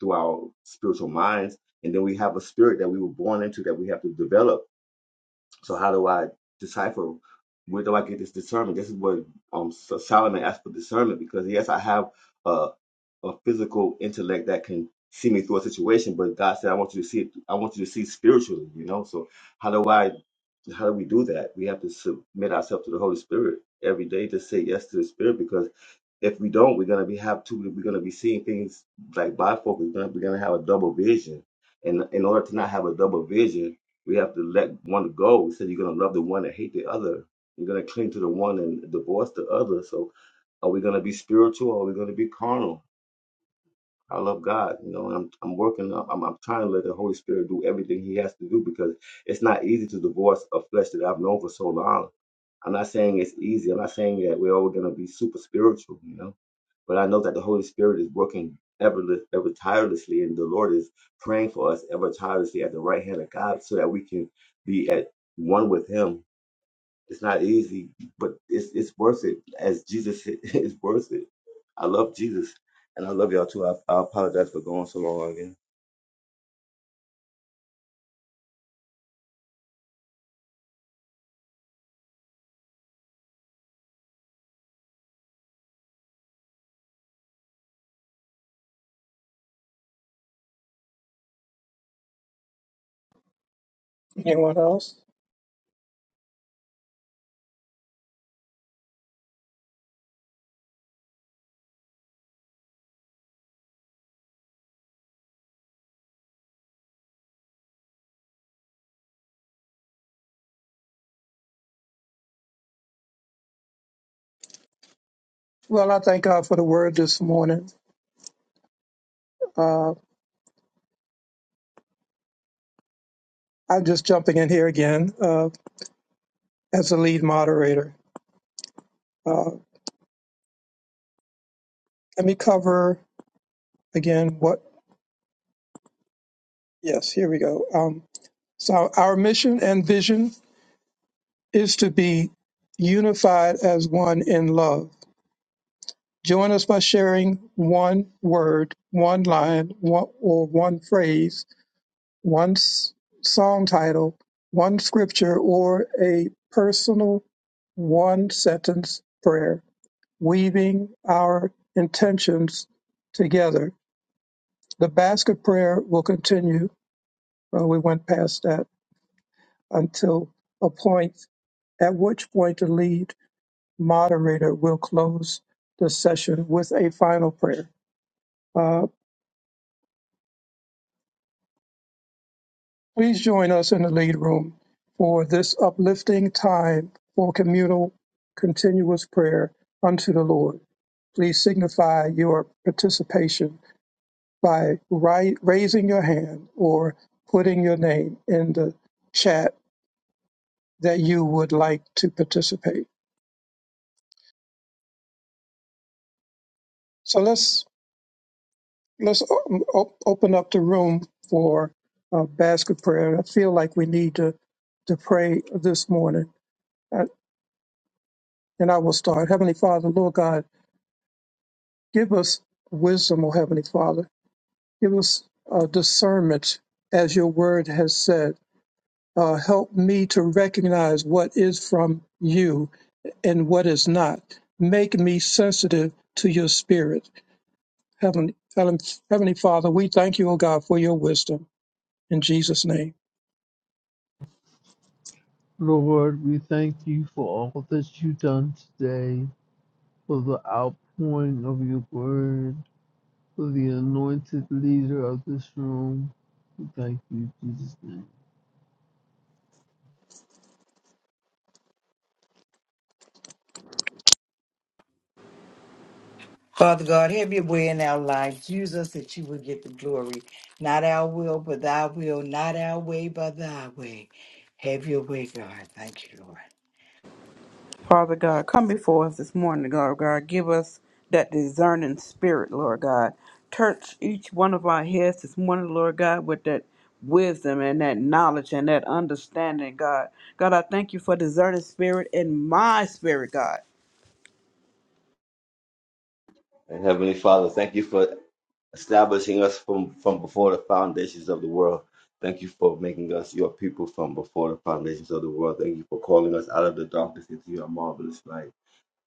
Speaker 2: through our spiritual minds. And then we have a spirit that we were born into that we have to develop so how do I decipher? Where do I get this discernment? This is what um So- Solomon asked for discernment because yes, I have a a physical intellect that can see me through a situation, but God said I want you to see it. I want you to see spiritually. You know, so how do I? How do we do that? We have to submit ourselves to the Holy Spirit every day to say yes to the Spirit because if we don't, we're gonna be have two. We're gonna be seeing things like bifocal. We're gonna, we're gonna have a double vision, and in order to not have a double vision we have to let one go. We said you're going to love the one and hate the other. You're going to cling to the one and divorce the other. So are we going to be spiritual or are we going to be carnal? I love God, you know, and I'm I'm working up. I'm, I'm trying to let the Holy Spirit do everything He has to do because it's not easy to divorce a flesh that I've known for so long. I'm not saying it's easy. I'm not saying that we're all going to be super spiritual, you know. But I know that the Holy Spirit is working ever, ever tirelessly, and the Lord is praying for us ever tirelessly at the right hand of God so that we can be at one with Him. It's not easy, but it's, it's worth it, as Jesus said, it's worth it. I love Jesus, and I love y'all too. I, I apologize for going so long again.
Speaker 7: Anyone else? Well, I thank God for the word this morning. Uh, I'm just jumping in here again uh, as the lead moderator. Uh, let me cover again what, yes, here we go. Um, so, our mission and vision is to be unified as one in love. Join us by sharing one word, one line, one, or one phrase one s- song title, one scripture, or a personal one sentence prayer, weaving our intentions together. The basket prayer will continue. uh, we went past that until a point at which point the lead moderator will close the session with a final prayer. Uh, Please join us in the lead room for this uplifting time for communal continuous prayer unto the Lord. Please signify your participation by ri- raising your hand or putting your name in the chat that you would like to participate. So let's let's o- o- open up the room for uh, basket prayer. I feel like we need to to pray this morning, Uh, and I will start. Heavenly Father, Lord God. Give us wisdom, O Heavenly Father. Give us uh, discernment, as your word has said. Uh, help me to recognize what is from you and what is not. Make me sensitive to your spirit. Heavenly, Heavenly Heavenly Father, we thank you, O God, for your wisdom. In Jesus' name.
Speaker 5: Lord. We thank you for all that you've done today, for the outpouring of your word, for the anointed leader of this room. We thank you, in Jesus' name.
Speaker 10: Father God, have your way in our lives. Use us that you will get the glory. Not our will, but thy will. Not our way, but thy way. Have your way, God. Thank you, Lord.
Speaker 6: Father God, come before us this morning, Lord God. Give us that discerning spirit, Lord God. Touch each one of our heads this morning, Lord God, with that wisdom and that knowledge and that understanding, God. God, I thank you for discerning spirit in my spirit, God.
Speaker 2: And Heavenly Father, thank you for establishing us from, from before the foundations of the world. Thank you for making us your people from before the foundations of the world. Thank you for calling us out of the darkness into your marvelous light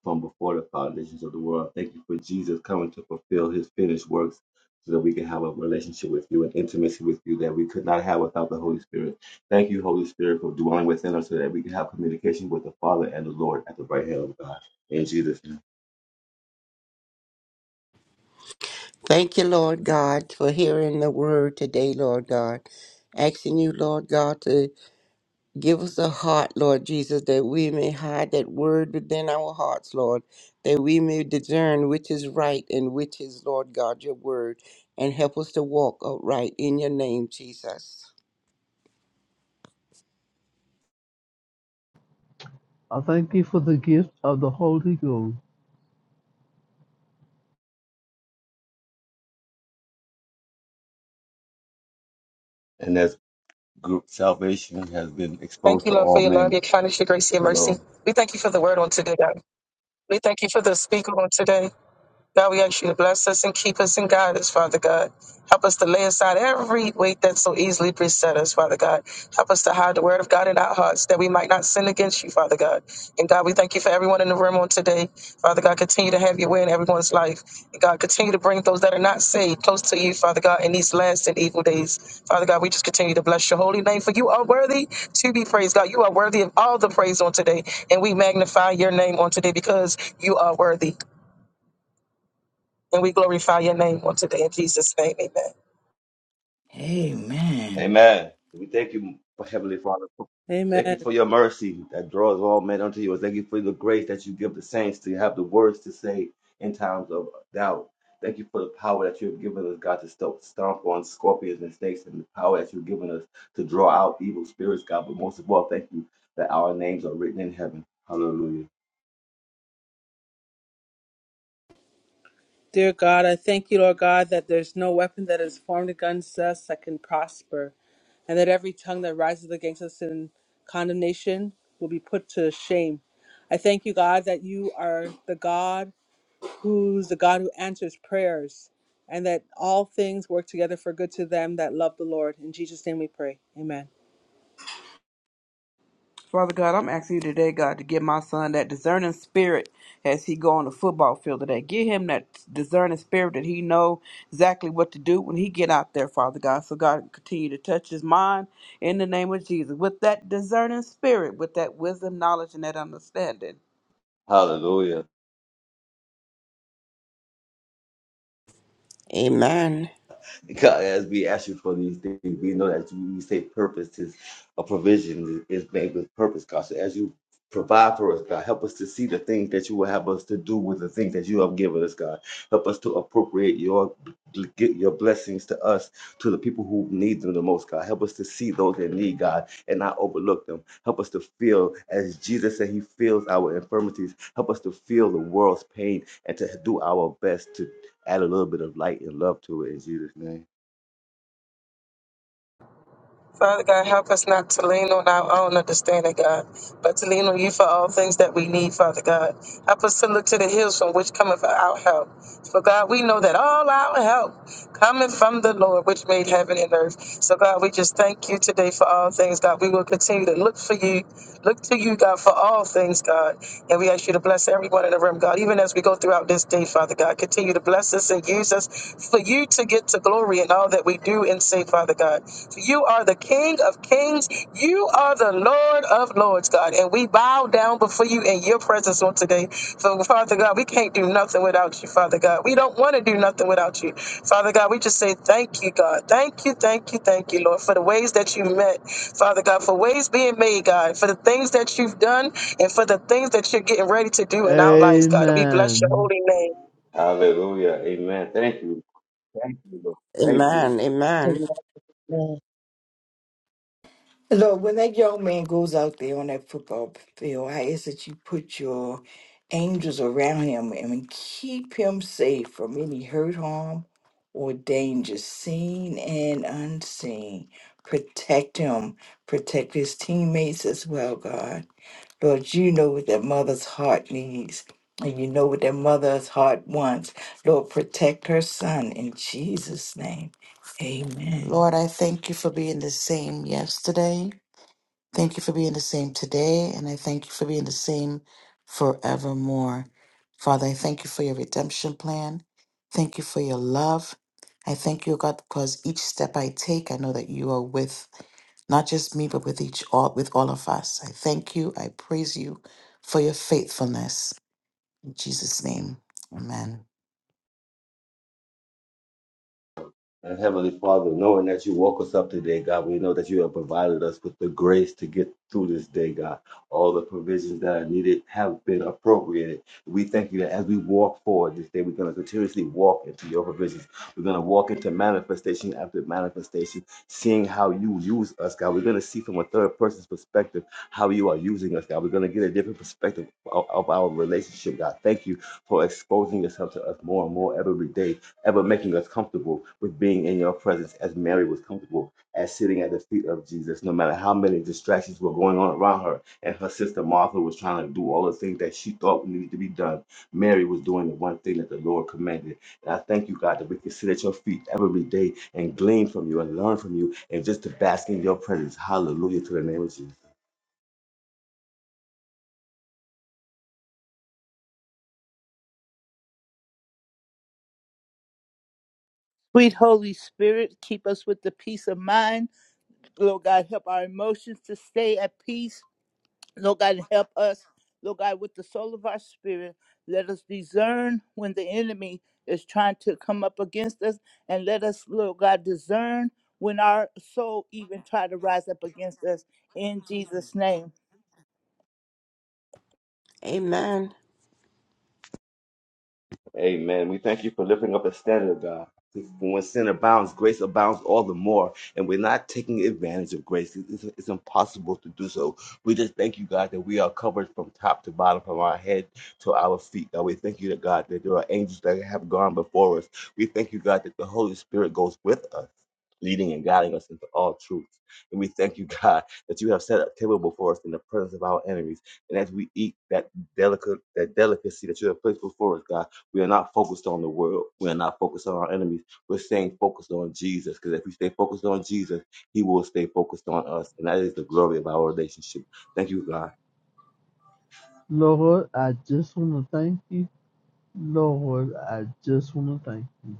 Speaker 2: from before the foundations of the world. Thank you for Jesus coming to fulfill his finished works so that we can have a relationship with you and intimacy with you that we could not have without the Holy Spirit. Thank you, Holy Spirit, for dwelling within us so that we can have communication with the Father and the Lord at the right hand of God. In Jesus' name.
Speaker 8: Thank you, Lord God, for hearing the word today, Lord God. Asking you, Lord God, to Give us a heart, Lord Jesus, that we may hide that word within our hearts, Lord, that we may discern which is right and which is, Lord God, your word, and help us to walk upright in your name, Jesus.
Speaker 5: I thank you for the gift of the Holy Ghost.
Speaker 2: And as group salvation has been
Speaker 13: Thank
Speaker 2: exposed
Speaker 13: you,
Speaker 2: to
Speaker 13: Lord, for
Speaker 2: all
Speaker 13: your love,
Speaker 2: men.
Speaker 13: your kindness, your grace, your mercy.
Speaker 2: Hello.
Speaker 13: We thank you for the word on today, God. We thank you for the speaker on today. God, we ask you to bless us and keep us and guide us, Father God. Help us to lay aside every weight that so easily beset us, Father God. Help us to hide the word of God in our hearts that we might not sin against you, Father God. And God, we thank you for everyone in the room on today. Father God, continue to have your way in everyone's life. And God, continue to bring those that are not saved close to you, Father God, in these last and evil days. Father God, we just continue to bless your holy name, for you are worthy to be praised. God, you are worthy of all the praise on today. And we magnify your name on today because you are worthy. And we glorify your name on today in Jesus' name. Amen.
Speaker 10: Amen.
Speaker 2: Amen. We thank you, Heavenly Father. Thank you
Speaker 3: Amen.
Speaker 2: for your mercy that draws all men unto you. Thank you for the grace that you give the saints to have the words to say in times of doubt. Thank you for the power that you have given us, God, to stomp, stomp on scorpions and snakes, and the power that you've given us to draw out evil spirits, God. But most of all, thank you that our names are written in heaven. Hallelujah.
Speaker 3: Dear God, I thank you, Lord God, that there's no weapon that is formed against us that can prosper, and that every tongue that rises against us in condemnation will be put to shame. I thank you, God, that you are the God who's the God who answers prayers, and that all things work together for good to them that love the Lord. In Jesus' name we pray. Amen.
Speaker 6: Father God, I'm asking you today, God, to give my son that discerning spirit as he go on the football field today. Give him that discerning spirit that he know exactly what to do when he get out there, Father God. So God, continue to touch his mind in the name of Jesus with that discerning spirit, with that wisdom, knowledge, and that understanding.
Speaker 2: Hallelujah.
Speaker 8: Amen.
Speaker 2: God, as we ask you for these things, we know that you- we say purpose is a provision is made with purpose, God. So as you provide for us, God, help us to see the things that you will have us to do with the things that you have given us, God. Help us to appropriate your get your blessings to us, to the people who need them the most, God. Help us to see those that need God and not overlook them. Help us to feel as Jesus said he feels our infirmities. Help us to feel the world's pain and to do our best to add a little bit of light and love to it in Jesus' name.
Speaker 13: Father God, help us not to lean on our own understanding, God, but to lean on you for all things that we need, Father God. Help us to look to the hills from which cometh our help. For God, we know that all our help cometh from the Lord, which made heaven and earth. So God, we just thank you today for all things, God. We will continue to look for you, look to you, God, for all things, God. And we ask you to bless everyone in the room, God, even as we go throughout this day, Father God. Continue to bless us and use us for you to get to glory in all that we do and say, Father God. For you are the King of kings. You are the Lord of lords, God. And we bow down before you in your presence on today. So, Father God, we can't do nothing without you, Father God. We don't want to do nothing without you. Father God, we just say thank you, God. Thank you, thank you, thank you, Lord, for the ways that you met, Father God, for ways being made, God, for the things that you've done and for the things that you're getting ready to do in our lives, God. And we bless your
Speaker 5: Amen.
Speaker 13: holy name.
Speaker 2: Hallelujah. Amen. Thank you. Thank you, Lord. Thank you.
Speaker 8: Amen. Amen.
Speaker 7: Amen.
Speaker 10: Look, when that young man goes out there on that football field, I ask that you put your angels around him and keep him safe from any hurt, harm, or danger, seen and unseen. Protect him, protect his teammates as well, God. Lord, you know what that mother's heart needs, and you know what that mother's heart wants. Lord, protect her son in Jesus' name. Amen.
Speaker 14: Lord, I thank you for being the same yesterday. Thank you for being the same today. And I thank you for being the same forevermore. Father, I thank you for your redemption plan. Thank you for your love. I thank you, God, because each step I take, I know that you are with not just me, but with each all with all of us. I thank you. I praise you for your faithfulness. In Jesus' name. Amen.
Speaker 2: And Heavenly Father, knowing that you woke us up today, God, we know that you have provided us with the grace to get through this day, God. All the provisions that are needed have been appropriated. We thank you that as we walk forward this day, we're going to continuously walk into your provisions. We're going to walk into manifestation after manifestation, seeing how you use us, God. We're going to see from a third person's perspective how you are using us, God. We're going to get a different perspective of, of our relationship, God. Thank you for exposing yourself to us more and more every day ever making us comfortable with being in your presence as Mary was comfortable as sitting at the feet of Jesus, no matter how many distractions were going on around her. And her sister Martha was trying to do all the things that she thought needed to be done. Mary was doing the one thing that the Lord commanded. And I thank you, God, that we can sit at your feet every day and glean from you and learn from you and just to bask in your presence. Hallelujah to the name of Jesus.
Speaker 4: Sweet Holy Spirit, keep us with the peace of mind. Lord God, help our emotions to stay at peace Lord God, help us, Lord God, with the soul of our spirit. Let us discern when the enemy is trying to come up against us, and let us, Lord God, discern when our soul even try to rise up against us. In Jesus' name,
Speaker 8: Amen.
Speaker 2: Amen. We thank you for lifting up a standard, God. When sin abounds, grace abounds all the more. And we're not taking advantage of grace. It's, it's impossible to do so. We just thank you, God, that we are covered from top to bottom, from our head to our feet. God, we thank you, that God, that there are angels that have gone before us. We thank you, God, that the Holy Spirit goes with us, leading and guiding us into all truth. And we thank you, God, that you have set a table before us in the presence of our enemies. And as we eat that delicate, that delicacy that you have placed before us, God, we are not focused on the world. We are not focused on our enemies. We're staying focused on Jesus because if we stay focused on Jesus, He will stay focused on us. And that is the glory of our relationship. Thank you, God.
Speaker 5: Lord, I just want to thank you. Lord, I just want to thank you.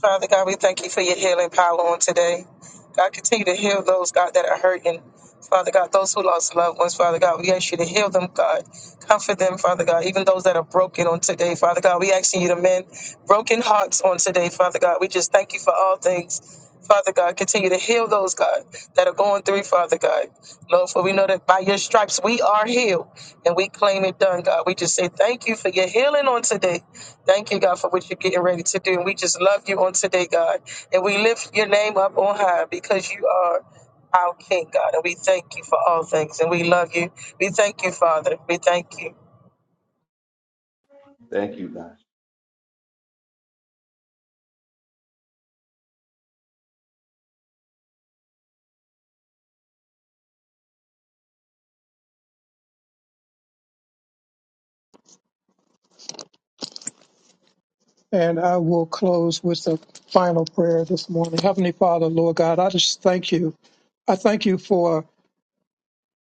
Speaker 13: Father God, we thank you for your healing power on today. God, continue to heal those, God, that are hurting. Father God, those who lost loved ones, Father God, we ask you to heal them, God. Comfort them, Father God, even those that are broken on today, Father God. We asking you to mend broken hearts on today, Father God. We just thank you for all things. Father God, continue to heal those, God, that are going through, Father God. Lord, for we know that by your stripes we are healed and we claim it done, God. We just say thank you for your healing on today. Thank you, God, for what you're getting ready to do. And we just love you on today, God. And we lift your name up on high because you are our King, God. And we thank you for all things. And we love you. We thank you, Father. We thank you.
Speaker 2: Thank you, God.
Speaker 7: And I will close with a final prayer this morning. Heavenly Father, Lord God, I just thank you. I thank you for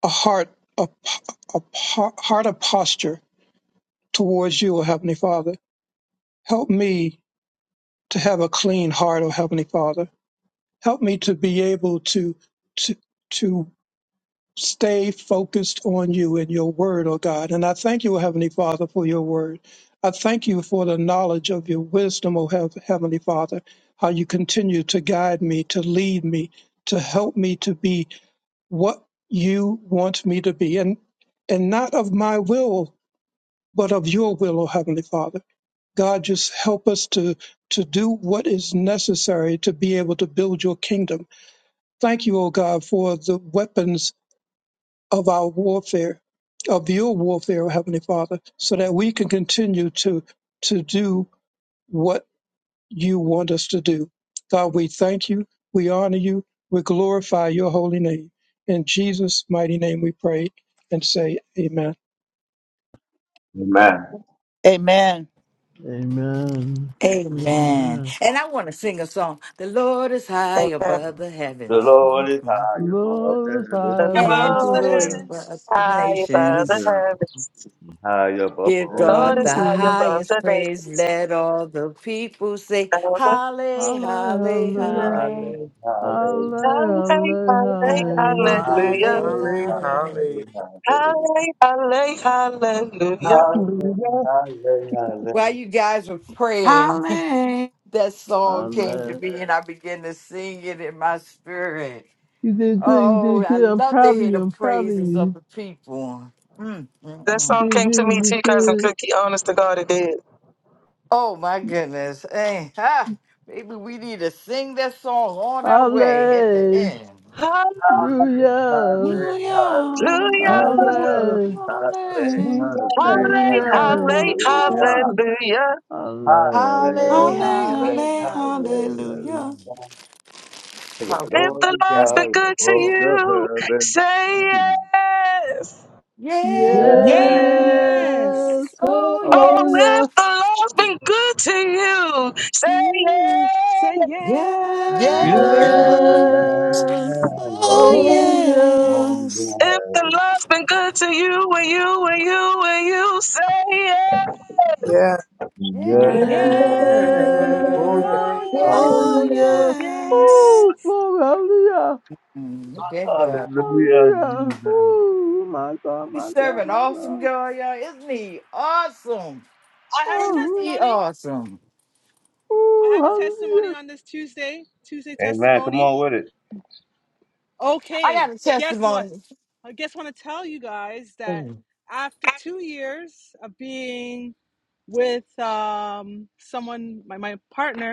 Speaker 7: a heart a, a heart of posture towards you, O Heavenly Father. Help me to have a clean heart, O Heavenly Father. Help me to be able to to to stay focused on you and your word, O God. And I thank you, O Heavenly Father, for your word. I thank you for the knowledge of your wisdom, O Heav- Heavenly Father, how you continue to guide me, to lead me, to help me to be what you want me to be. And and not of my will, but of your will, O Heavenly Father. God, just help us to, to do what is necessary to be able to build your kingdom. Thank you, O God, for the weapons of our warfare, of your warfare, O Heavenly Father, so that we can continue to, to do what you want us to do. God, we thank you, we honor you, we glorify your holy name. In Jesus' mighty name we pray and say, Amen.
Speaker 2: Amen.
Speaker 4: Amen.
Speaker 5: Amen.
Speaker 10: Amen.
Speaker 5: Amen.
Speaker 10: And I want to sing a song. The Lord is high
Speaker 13: Amen.
Speaker 10: above the
Speaker 2: The
Speaker 10: heavens,
Speaker 2: Lord is high above
Speaker 5: Lord,
Speaker 2: heaven,
Speaker 13: The
Speaker 5: I
Speaker 10: and
Speaker 5: love
Speaker 10: his
Speaker 3: Above
Speaker 5: the
Speaker 3: the
Speaker 13: Lord
Speaker 10: glory
Speaker 13: is
Speaker 5: head
Speaker 3: heavens.
Speaker 10: above the
Speaker 13: high above the
Speaker 10: nations.
Speaker 2: and
Speaker 13: heavens.
Speaker 2: high above
Speaker 10: Give
Speaker 2: all the
Speaker 10: God
Speaker 13: Lord
Speaker 5: and
Speaker 13: is
Speaker 10: the
Speaker 13: high
Speaker 2: nations.
Speaker 5: good.
Speaker 13: above
Speaker 10: highest
Speaker 13: the
Speaker 10: praise.
Speaker 13: nations.
Speaker 10: Let all the people say,
Speaker 13: Hallelujah.
Speaker 10: Halle, halle,
Speaker 5: Hallelujah,
Speaker 3: Yeah.
Speaker 2: Hallelujah,
Speaker 10: halle,
Speaker 5: Hallelujah,
Speaker 2: hallelujah,
Speaker 10: halle,
Speaker 5: Hallelujah,
Speaker 8: Holly,
Speaker 13: Hallelujah.
Speaker 10: halle,
Speaker 8: holly,
Speaker 10: halle.
Speaker 8: holly.
Speaker 2: hallelujah, hallelujah,
Speaker 13: Hallelujah.
Speaker 7: Hallelujah,
Speaker 2: hallelujah, hallelujah.
Speaker 10: While you guys were praying,
Speaker 14: Hallelujah.
Speaker 10: that
Speaker 5: Hallelujah.
Speaker 10: song came to me, and I began to sing it in my spirit.
Speaker 5: You did good, you
Speaker 10: Oh,
Speaker 5: did
Speaker 10: I
Speaker 5: good. I'm
Speaker 10: love to
Speaker 5: proud of
Speaker 10: hear
Speaker 5: you,
Speaker 10: the
Speaker 5: I'm proud of
Speaker 10: praises of
Speaker 5: you.
Speaker 10: the people. Mm, mm,
Speaker 13: That
Speaker 5: You
Speaker 10: mm.
Speaker 13: song
Speaker 5: did
Speaker 13: came
Speaker 5: good,
Speaker 13: to
Speaker 5: you
Speaker 13: me, T
Speaker 5: did
Speaker 13: Cousin
Speaker 5: good.
Speaker 13: Cookie, honest to God, it did.
Speaker 10: Oh my goodness. Hey, ha, maybe we need to sing that song on our way at the
Speaker 5: Hallelujah.
Speaker 10: end.
Speaker 13: Hallelujah.
Speaker 2: Hallelujah. I say hallelujah.
Speaker 7: hallelujah.
Speaker 5: Hallelujah.
Speaker 10: Yeah.
Speaker 13: Hallelujah.
Speaker 7: Happy
Speaker 2: Hallelujah.
Speaker 14: Hallelujah.
Speaker 13: Hallelujah.
Speaker 10: Holly,
Speaker 14: Halle,
Speaker 5: Hallelujah.
Speaker 10: holly,
Speaker 14: halle,
Speaker 10: holly.
Speaker 5: Hallelujah.
Speaker 14: hallelujah.
Speaker 2: Hallelujah. The
Speaker 13: If
Speaker 2: Lord
Speaker 13: the
Speaker 2: is
Speaker 13: Lord's
Speaker 10: Hallelujah.
Speaker 13: been
Speaker 2: high
Speaker 13: good to
Speaker 2: above
Speaker 13: you,
Speaker 2: the heavens.
Speaker 13: say yes.
Speaker 2: Yes.
Speaker 5: Yes.
Speaker 10: Yes.
Speaker 3: Yes
Speaker 10: Oh,
Speaker 5: Oh,
Speaker 13: Oh,
Speaker 10: yes.
Speaker 13: if the
Speaker 5: yes.
Speaker 13: Lord's been good to you,
Speaker 3: to you.
Speaker 13: say
Speaker 3: Say yes.
Speaker 2: Yes.
Speaker 10: Yes.
Speaker 14: Yes.
Speaker 5: Yes.
Speaker 10: Oh,
Speaker 14: Oh,
Speaker 5: Oh,
Speaker 10: yes.
Speaker 5: yes.
Speaker 2: Oh,
Speaker 14: yes.
Speaker 13: If the
Speaker 2: yes.
Speaker 13: Lord's been good to you, and you, and you, and you say yes.
Speaker 9: Yeah,
Speaker 10: Yes.
Speaker 2: Yes.
Speaker 9: yeah.
Speaker 5: Yes.
Speaker 9: Oh yeah,
Speaker 10: Oh,
Speaker 3: Yes.
Speaker 10: yes.
Speaker 5: Oh,
Speaker 14: Oh,
Speaker 9: Lord.
Speaker 5: yes.
Speaker 14: yes.
Speaker 5: Oh,
Speaker 3: Yes.
Speaker 5: glory. Hallelujah.
Speaker 10: Mm, look at God.
Speaker 2: Hallelujah,
Speaker 5: Hallelujah.
Speaker 2: Jesus.
Speaker 5: Oh, my God,
Speaker 10: We
Speaker 5: my
Speaker 10: serve
Speaker 5: God,
Speaker 10: an
Speaker 5: my
Speaker 10: awesome
Speaker 5: God.
Speaker 10: God, y'all. Isn't he awesome?
Speaker 3: I have a
Speaker 10: Isn't
Speaker 5: Oh,
Speaker 10: he
Speaker 3: testimony.
Speaker 10: awesome?
Speaker 5: oh,
Speaker 3: I have a testimony
Speaker 5: hallelujah.
Speaker 3: on this Tuesday. Tuesday
Speaker 2: Amen. Come
Speaker 3: testimony.
Speaker 2: on with it.
Speaker 10: I
Speaker 3: Okay.
Speaker 10: got a
Speaker 3: Guess what?
Speaker 10: testimony.
Speaker 3: I guess I want to tell you guys that
Speaker 10: Mm.
Speaker 3: after two years of being with um, someone, my, my partner,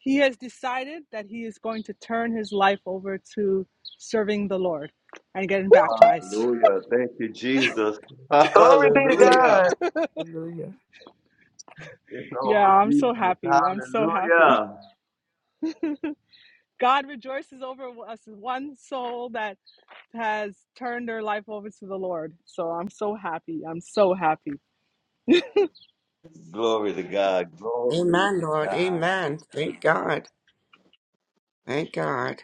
Speaker 3: He has decided that he is going to turn his life over to serving the Lord and getting baptized.
Speaker 2: Hallelujah. Thank you, Jesus.
Speaker 13: Glory be to
Speaker 9: Hallelujah.
Speaker 2: Hallelujah.
Speaker 13: God.
Speaker 9: Hallelujah.
Speaker 2: It's
Speaker 3: Yeah,
Speaker 2: all
Speaker 3: I'm so
Speaker 2: Jesus.
Speaker 3: happy. I'm so happy.
Speaker 2: Hallelujah.
Speaker 3: God rejoices over us, one soul that has turned their life over to the Lord. So I'm so happy. I'm so happy.
Speaker 2: Glory to God. Glory
Speaker 8: Amen,
Speaker 2: to
Speaker 8: Lord.
Speaker 2: God.
Speaker 8: Amen. Thank God. Thank God.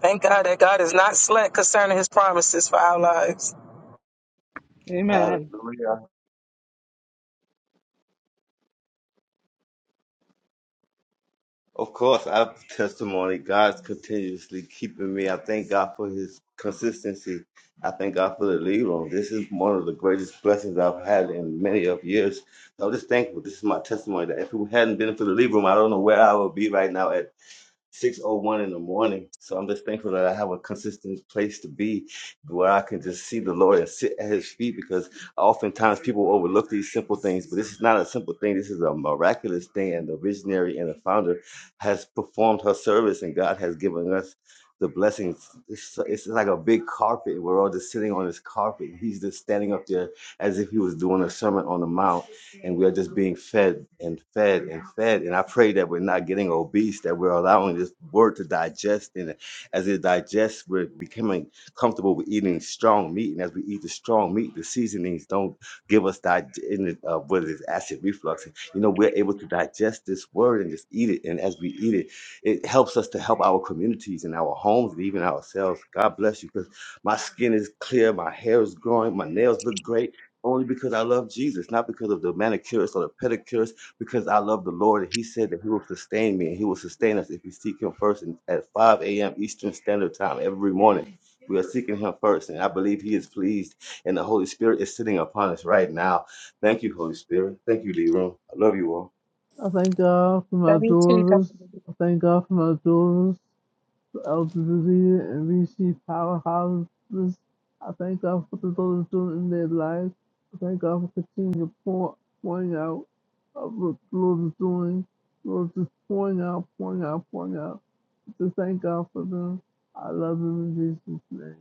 Speaker 13: Thank God that God is not slack concerning his promises for our lives.
Speaker 3: Amen.
Speaker 2: Hallelujah. Of course, our testimony, God's continuously keeping me. I thank God for his consistency. I thank God for the lead on. This is one of the greatest blessings I've had in many of years. So I'm just thankful. This is my testimony that if it hadn't been for the lead room, I don't know where I would be right now At 6.01 in the morning. So I'm just thankful that I have a consistent place to be where I can just see the Lord and sit at his feet because oftentimes people overlook these simple things, but this is not a simple thing. This is a miraculous thing. And the visionary and the founder has performed her service and God has given us the blessings. It's, it's like a big carpet. We're all just sitting on this carpet. He's just standing up there as if he was doing a sermon on the mount and we are just being fed and fed and fed. And I pray that we're not getting obese, that we're allowing this word to digest. And as it digests, we're becoming comfortable with eating strong meat. And as we eat the strong meat, the seasonings don't give us that uh, what is it, acid reflux. You know, we're able to digest this word and just eat it. And as we eat it, it helps us to help our communities and our homes and even ourselves. God bless you, because my skin is clear, my hair is growing, my nails look great only because I love Jesus, not because of the manicurist or the pedicurist, because I love the Lord. And He said that He will sustain me and He will sustain us if we seek Him first. And at 5 a.m. Eastern Standard Time every morning, we are seeking Him first. And I believe He is pleased, and the Holy Spirit is sitting upon us right now. Thank you, Holy Spirit. Thank you, Leroy. I love you all.
Speaker 5: I thank God for my daughters. I thank God for my daughters. elderly and receive powerhouses. I thank God for what those doing in their lives. I thank God for continuing to pour, pouring out of what the Lord is doing. The Lord is pouring out, pouring out, pouring out. Just thank God for them. I love them in Jesus' name.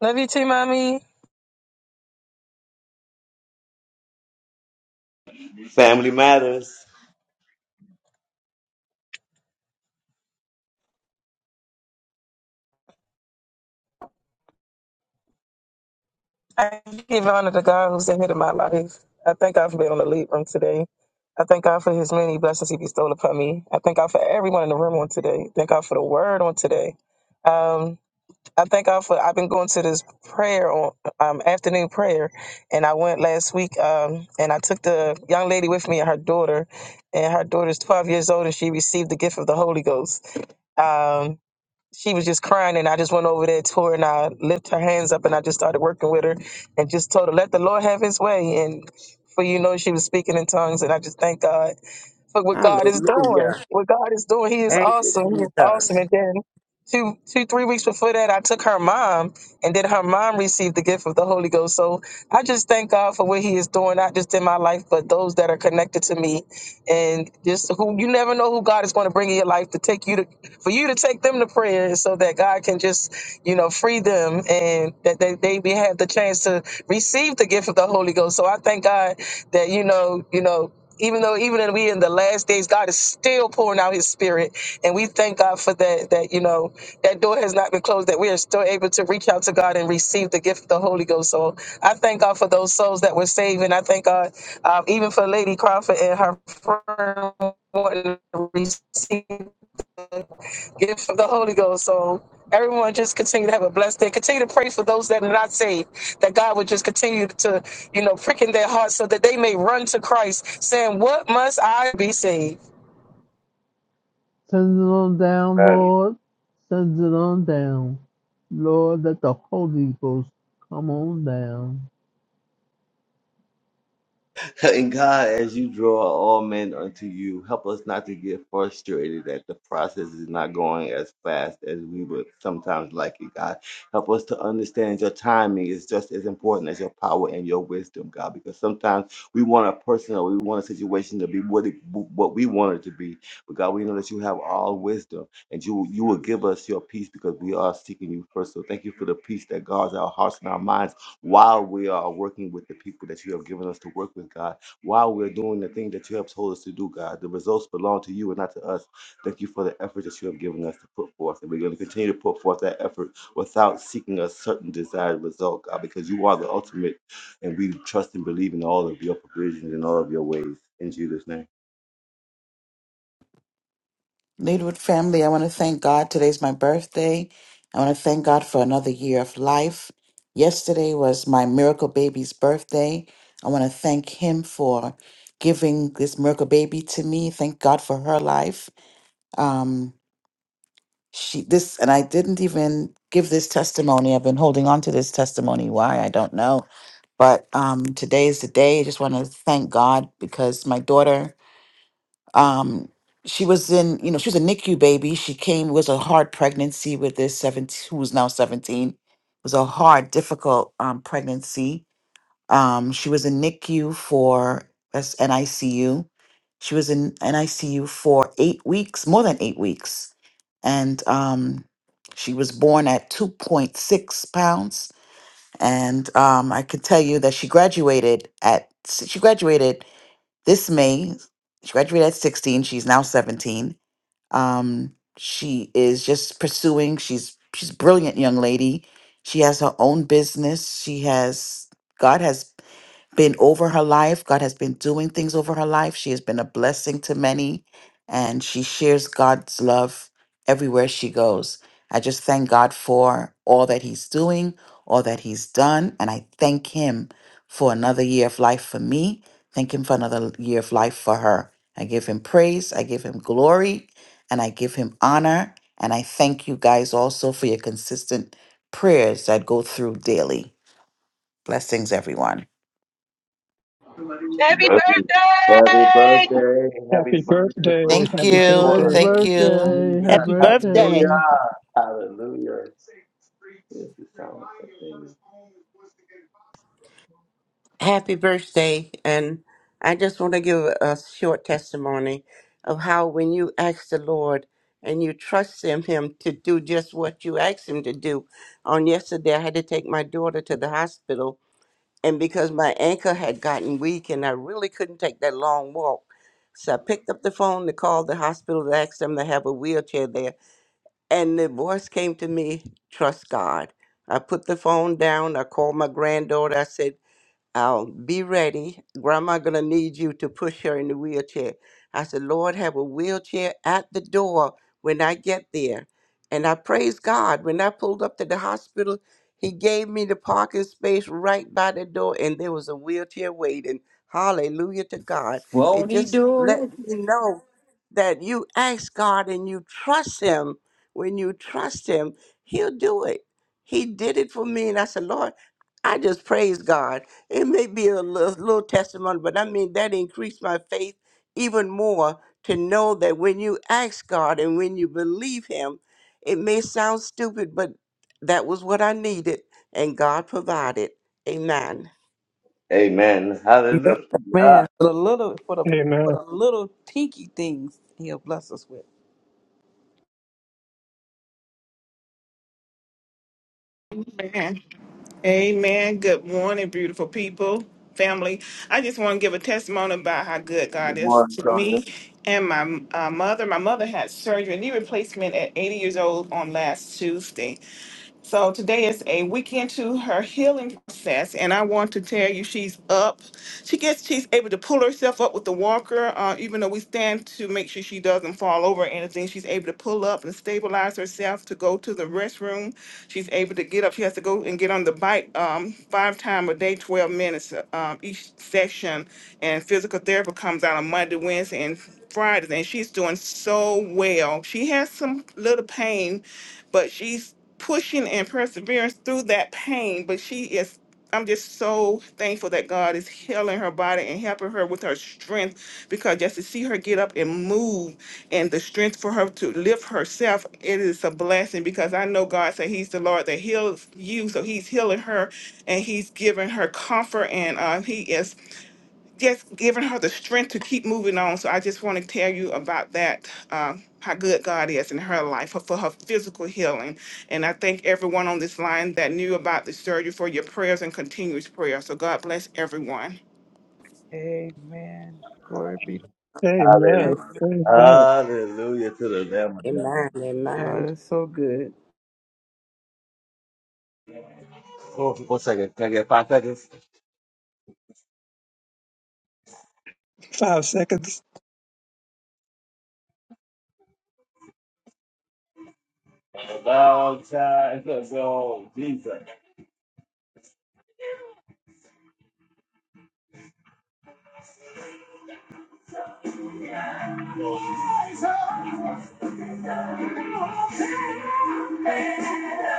Speaker 13: Love you too, mommy.
Speaker 2: Family matters.
Speaker 13: I give honor to God who's the head of my life. I thank God for being on the lead room today. I thank God for his many blessings he bestowed upon me. I thank God for everyone in the room on today. Thank God for the word on today. Um. I thank God for I've been going to this prayer on um, afternoon prayer, and I went last week. Um, and I took the young lady with me and her daughter, and her daughter's twelve years old, and she received the gift of the Holy Ghost. Um, she was just crying, and I just went over there to her, and I lifted her hands up, and I just started working with her, and just told her let the Lord have His way, and for you know she was speaking in tongues, and I just thank God for what God
Speaker 8: Hallelujah.
Speaker 13: is doing. What God is doing, He is
Speaker 8: Thank you,
Speaker 13: awesome. He is
Speaker 8: Jesus.
Speaker 13: awesome. And then two, two, three weeks before that, I took her mom, and then her mom received the gift of the Holy Ghost. So I just thank God for what He is doing, not just in my life, but those that are connected to me, and just who you never know who God is going to bring in your life to take you to, for you to take them to prayer, so that God can just, you know, free them and that they they be have the chance to receive the gift of the Holy Ghost. So I thank God that you know, you know even though even in we in the last days, God is still pouring out His Spirit, and we thank God for that. That you know that door has not been closed; that we are still able to reach out to God and receive the gift of the Holy Ghost. So I thank God for those souls that were saved, and I thank God um, even for Lady Crawford and her friend wanting to receive gift of the Holy Ghost. So everyone just continue to have a blessed day. Continue to pray for those that are not saved, that God would just continue to, you know, prick in their hearts so that they may run to Christ, saying, What must I be saved?
Speaker 5: Send it on down,
Speaker 2: Right.
Speaker 5: Lord. Send it on down. Lord, let the Holy Ghost come on down.
Speaker 2: And God, as you draw all men unto you, help us not to get frustrated that the process is not going as fast as we would sometimes like it, God. Help us to understand your timing is just as important as your power and your wisdom, God, because sometimes we want a person or we want a situation to be what, it, what we want it to be. But God, we know that you have all wisdom and you, you will give us your peace because we are seeking you first. So thank you for the peace that guards our hearts and our minds while we are working with the people that you have given us to work with, God, while we're doing the thing that you have told us to do, God. The results belong to you and not to us. Thank you for the effort that you have given us to put forth. And we're going to continue to put forth that effort without seeking a certain desired result, God, because you are the ultimate. And we trust and believe in all of your provisions and all of your ways. In Jesus' name.
Speaker 14: Leadwood family, I want to thank God. Today's my birthday. I want to thank God for another year of life. Yesterday was my miracle baby's birthday. I want to thank Him for giving this miracle baby to me. Thank God for her life. Um, she this and i didn't even give this testimony i've been holding on to this testimony why i don't know but um today is the day i just want to thank god because my daughter um she was in you know she was a nicu baby she came was a hard pregnancy with this 17 who's now 17 it was a hard difficult um pregnancy um, she was in NICU for that's NICU. She was in NICU for eight weeks, more than eight weeks, and um, she was born at two point six pounds. And um, I can tell you that she graduated at she graduated this May. She graduated at sixteen. She's now seventeen. Um, she is just pursuing. She's she's a brilliant young lady. She has her own business. She has God has been over her life. God has been doing things over her life. She has been a blessing to many, and she shares God's love everywhere she goes. I just thank God for all that He's doing, all that He's done, and I thank Him for another year of life for me. Thank Him for another year of life for her. I give Him praise, I give Him glory, and I give Him honor. And I thank you guys also for your consistent prayers that go through daily. Blessings, everyone.
Speaker 2: Happy
Speaker 13: Happy
Speaker 2: birthday. Happy
Speaker 13: birthday!
Speaker 2: birthday
Speaker 7: birthday,
Speaker 2: birthday
Speaker 14: Thank
Speaker 2: to
Speaker 7: happy
Speaker 2: your
Speaker 5: Happy
Speaker 14: you.
Speaker 2: daughter.
Speaker 7: birthday.
Speaker 14: Thank
Speaker 2: Thank you,
Speaker 14: you.
Speaker 5: birthday,
Speaker 2: Jesus.
Speaker 5: happy
Speaker 4: Happy birthday.
Speaker 2: Hallelujah.
Speaker 5: birthday.
Speaker 2: Hallelujah. Yes, it sounds like a
Speaker 8: Happy birthday. And I just want to give a short testimony of how when you ask the Lord and you trust him, him to do just what you asked him to do. On yesterday, I had to take my daughter to the hospital. And because my ankle had gotten weak and I really couldn't take that long walk, so I picked up the phone to call the hospital to ask them to have a wheelchair there. And the voice came to me, trust God. I put the phone down. I called my granddaughter. I said, I'll be ready. Grandma gonna need you to push her in the wheelchair. I said, Lord, have a wheelchair at the door when I get there. And I praise God. When I pulled up to the hospital, he gave me the parking space right by the door, and there was a wheelchair waiting. Hallelujah to God. It
Speaker 10: Won't he
Speaker 8: just
Speaker 10: do
Speaker 8: let
Speaker 10: it?
Speaker 8: me know that you ask God and you trust him. When you trust him, he'll do it. He did it for me. And I said, Lord, I just praise God. It may be a little, little testimony, but I mean, that increased my faith even more to know that when you ask God and when you believe Him, it may sound stupid, but that was what I needed, and God provided. Amen.
Speaker 2: Amen.
Speaker 6: Yeah,
Speaker 2: Hallelujah.
Speaker 6: man. For the little, for the for
Speaker 7: Amen,
Speaker 6: the little tinky things He'll bless us with.
Speaker 15: Amen. Amen. Good morning, beautiful people, family. I just want to give a testimony about how good God
Speaker 2: Good
Speaker 15: is
Speaker 2: morning,
Speaker 15: to
Speaker 2: Tony.
Speaker 15: me and my uh, mother. My mother had surgery, knee replacement at 80 years old on last Tuesday. So today is a week into her healing process, and I want to tell you she's up. She gets she's able to pull herself up with the walker, uh, even though we stand to make sure she doesn't fall over or anything. She's able to pull up and stabilize herself to go to the restroom. She's able to get up. She has to go and get on the bike um, five times a day, 12 minutes uh, um, each session. And physical therapy comes out on Monday, Wednesday, and Fridays, and she's doing so well. She has some little pain but she's pushing and persevering through that pain. But she is, I'm just so thankful that God is healing her body and helping her with her strength because just to see her get up and move and the strength for her to lift herself, it is a blessing because I know God said He's the Lord that heals you. So He's healing her and He's giving her comfort and uh, He is just giving her the strength to keep moving on. So I just want to tell you about that, um, how good God is in her life for for her physical healing. And I thank everyone on this line that knew about the surgery for your prayers and continuous prayer. So God bless everyone.
Speaker 6: Amen. Glory be. to
Speaker 7: amen,
Speaker 2: Hallelujah.
Speaker 7: amen.
Speaker 2: Hallelujah to the Lamb of God.
Speaker 8: Amen. Amen.
Speaker 6: God. That's so good.
Speaker 2: Oh, one second. Can I get five seconds?
Speaker 7: Five seconds.
Speaker 2: long time ago, Jesus.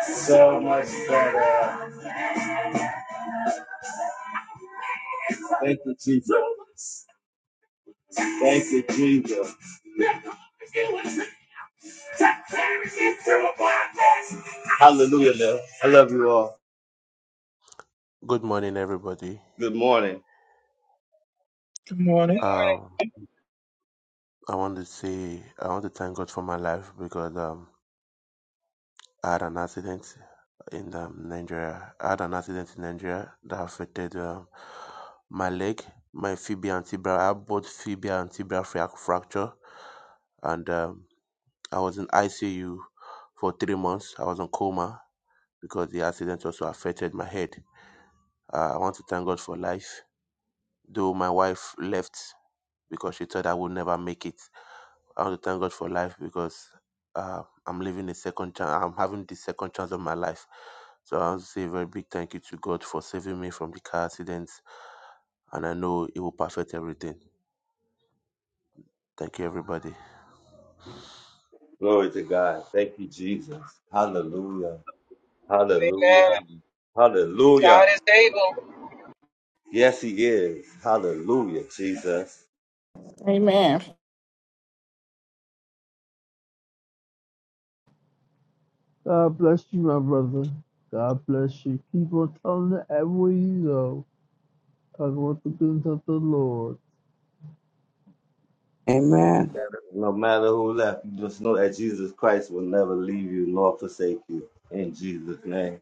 Speaker 2: So much better. Thank you, Jesus. Thank you, Jesus. Hallelujah, Lord. I love you all.
Speaker 16: Good morning, everybody.
Speaker 2: Good morning.
Speaker 7: Good morning.
Speaker 16: Um, I want to say I want to thank God for my life because um, I had an accident in um, Nigeria. I had an accident in Nigeria that affected um, my leg, my fibia and tibia. I had both fibia and tibia fra- fracture, and um, I was in ICU for three months. I was in coma because the accident also affected my head. Uh, I want to thank God for life, though my wife left because she thought I would never make it I want to thank God for life because uh, I'm living a second chance. I'm having the second chance of my life. So I want to say a very big thank you to God for saving me from the car accidents. And I know He will perfect everything. Thank you, everybody.
Speaker 2: Glory to God. Thank you, Jesus. Hallelujah. Hallelujah.
Speaker 13: Amen. God
Speaker 2: Hallelujah.
Speaker 13: is able.
Speaker 2: Yes, he is. Hallelujah, Jesus.
Speaker 15: Amen.
Speaker 5: God bless you, my brother. God bless you. Keep on telling it everywhere you go. Talk about the goodness of the Lord.
Speaker 6: Amen.
Speaker 2: No matter who left, you just know that Jesus Christ will never leave you nor forsake you. In Jesus' name.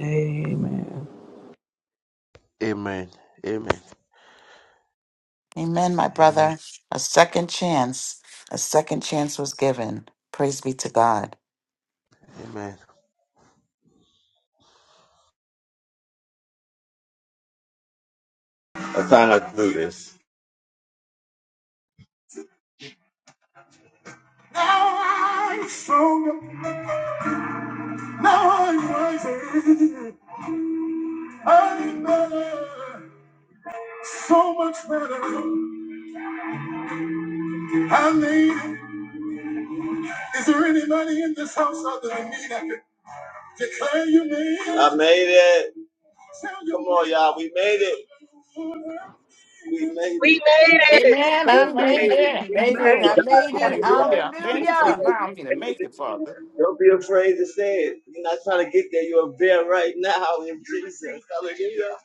Speaker 6: Amen.
Speaker 16: Amen. Amen.
Speaker 14: Amen, my
Speaker 16: Amen.
Speaker 14: brother. A second chance. A second chance was given. Praise be to God.
Speaker 16: Amen.
Speaker 2: I time I do this. Now I show, now I rise I'm better, so much better. I made it. Is there anybody in this house other than me that can declare you made it? I made it. Come on, y'all. We made it. We made it.
Speaker 13: We made it.
Speaker 15: Amen.
Speaker 2: We
Speaker 15: I
Speaker 2: made
Speaker 10: Made
Speaker 15: made
Speaker 10: it.
Speaker 2: it.
Speaker 15: it.
Speaker 2: We
Speaker 15: Thank
Speaker 10: Made
Speaker 15: you,
Speaker 10: it.
Speaker 2: made
Speaker 10: I
Speaker 15: Lord.
Speaker 2: it.
Speaker 10: made
Speaker 9: Thank
Speaker 10: it.
Speaker 9: you,
Speaker 15: Hallelujah.
Speaker 2: We
Speaker 15: Thank
Speaker 2: made
Speaker 15: you for
Speaker 10: Hallelujah.
Speaker 9: Father.
Speaker 15: allowing me to make
Speaker 2: it.
Speaker 15: it, Father.
Speaker 2: Don't be afraid to say it. You're not trying to get there. You're there right now in Jesus. Hallelujah.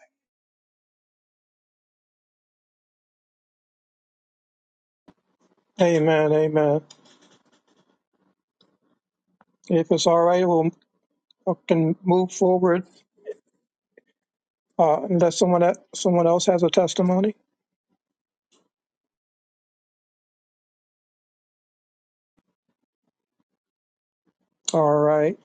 Speaker 7: Amen, amen. If it's all right, we'll we can move forward uh, unless someone that someone else has a testimony. All right.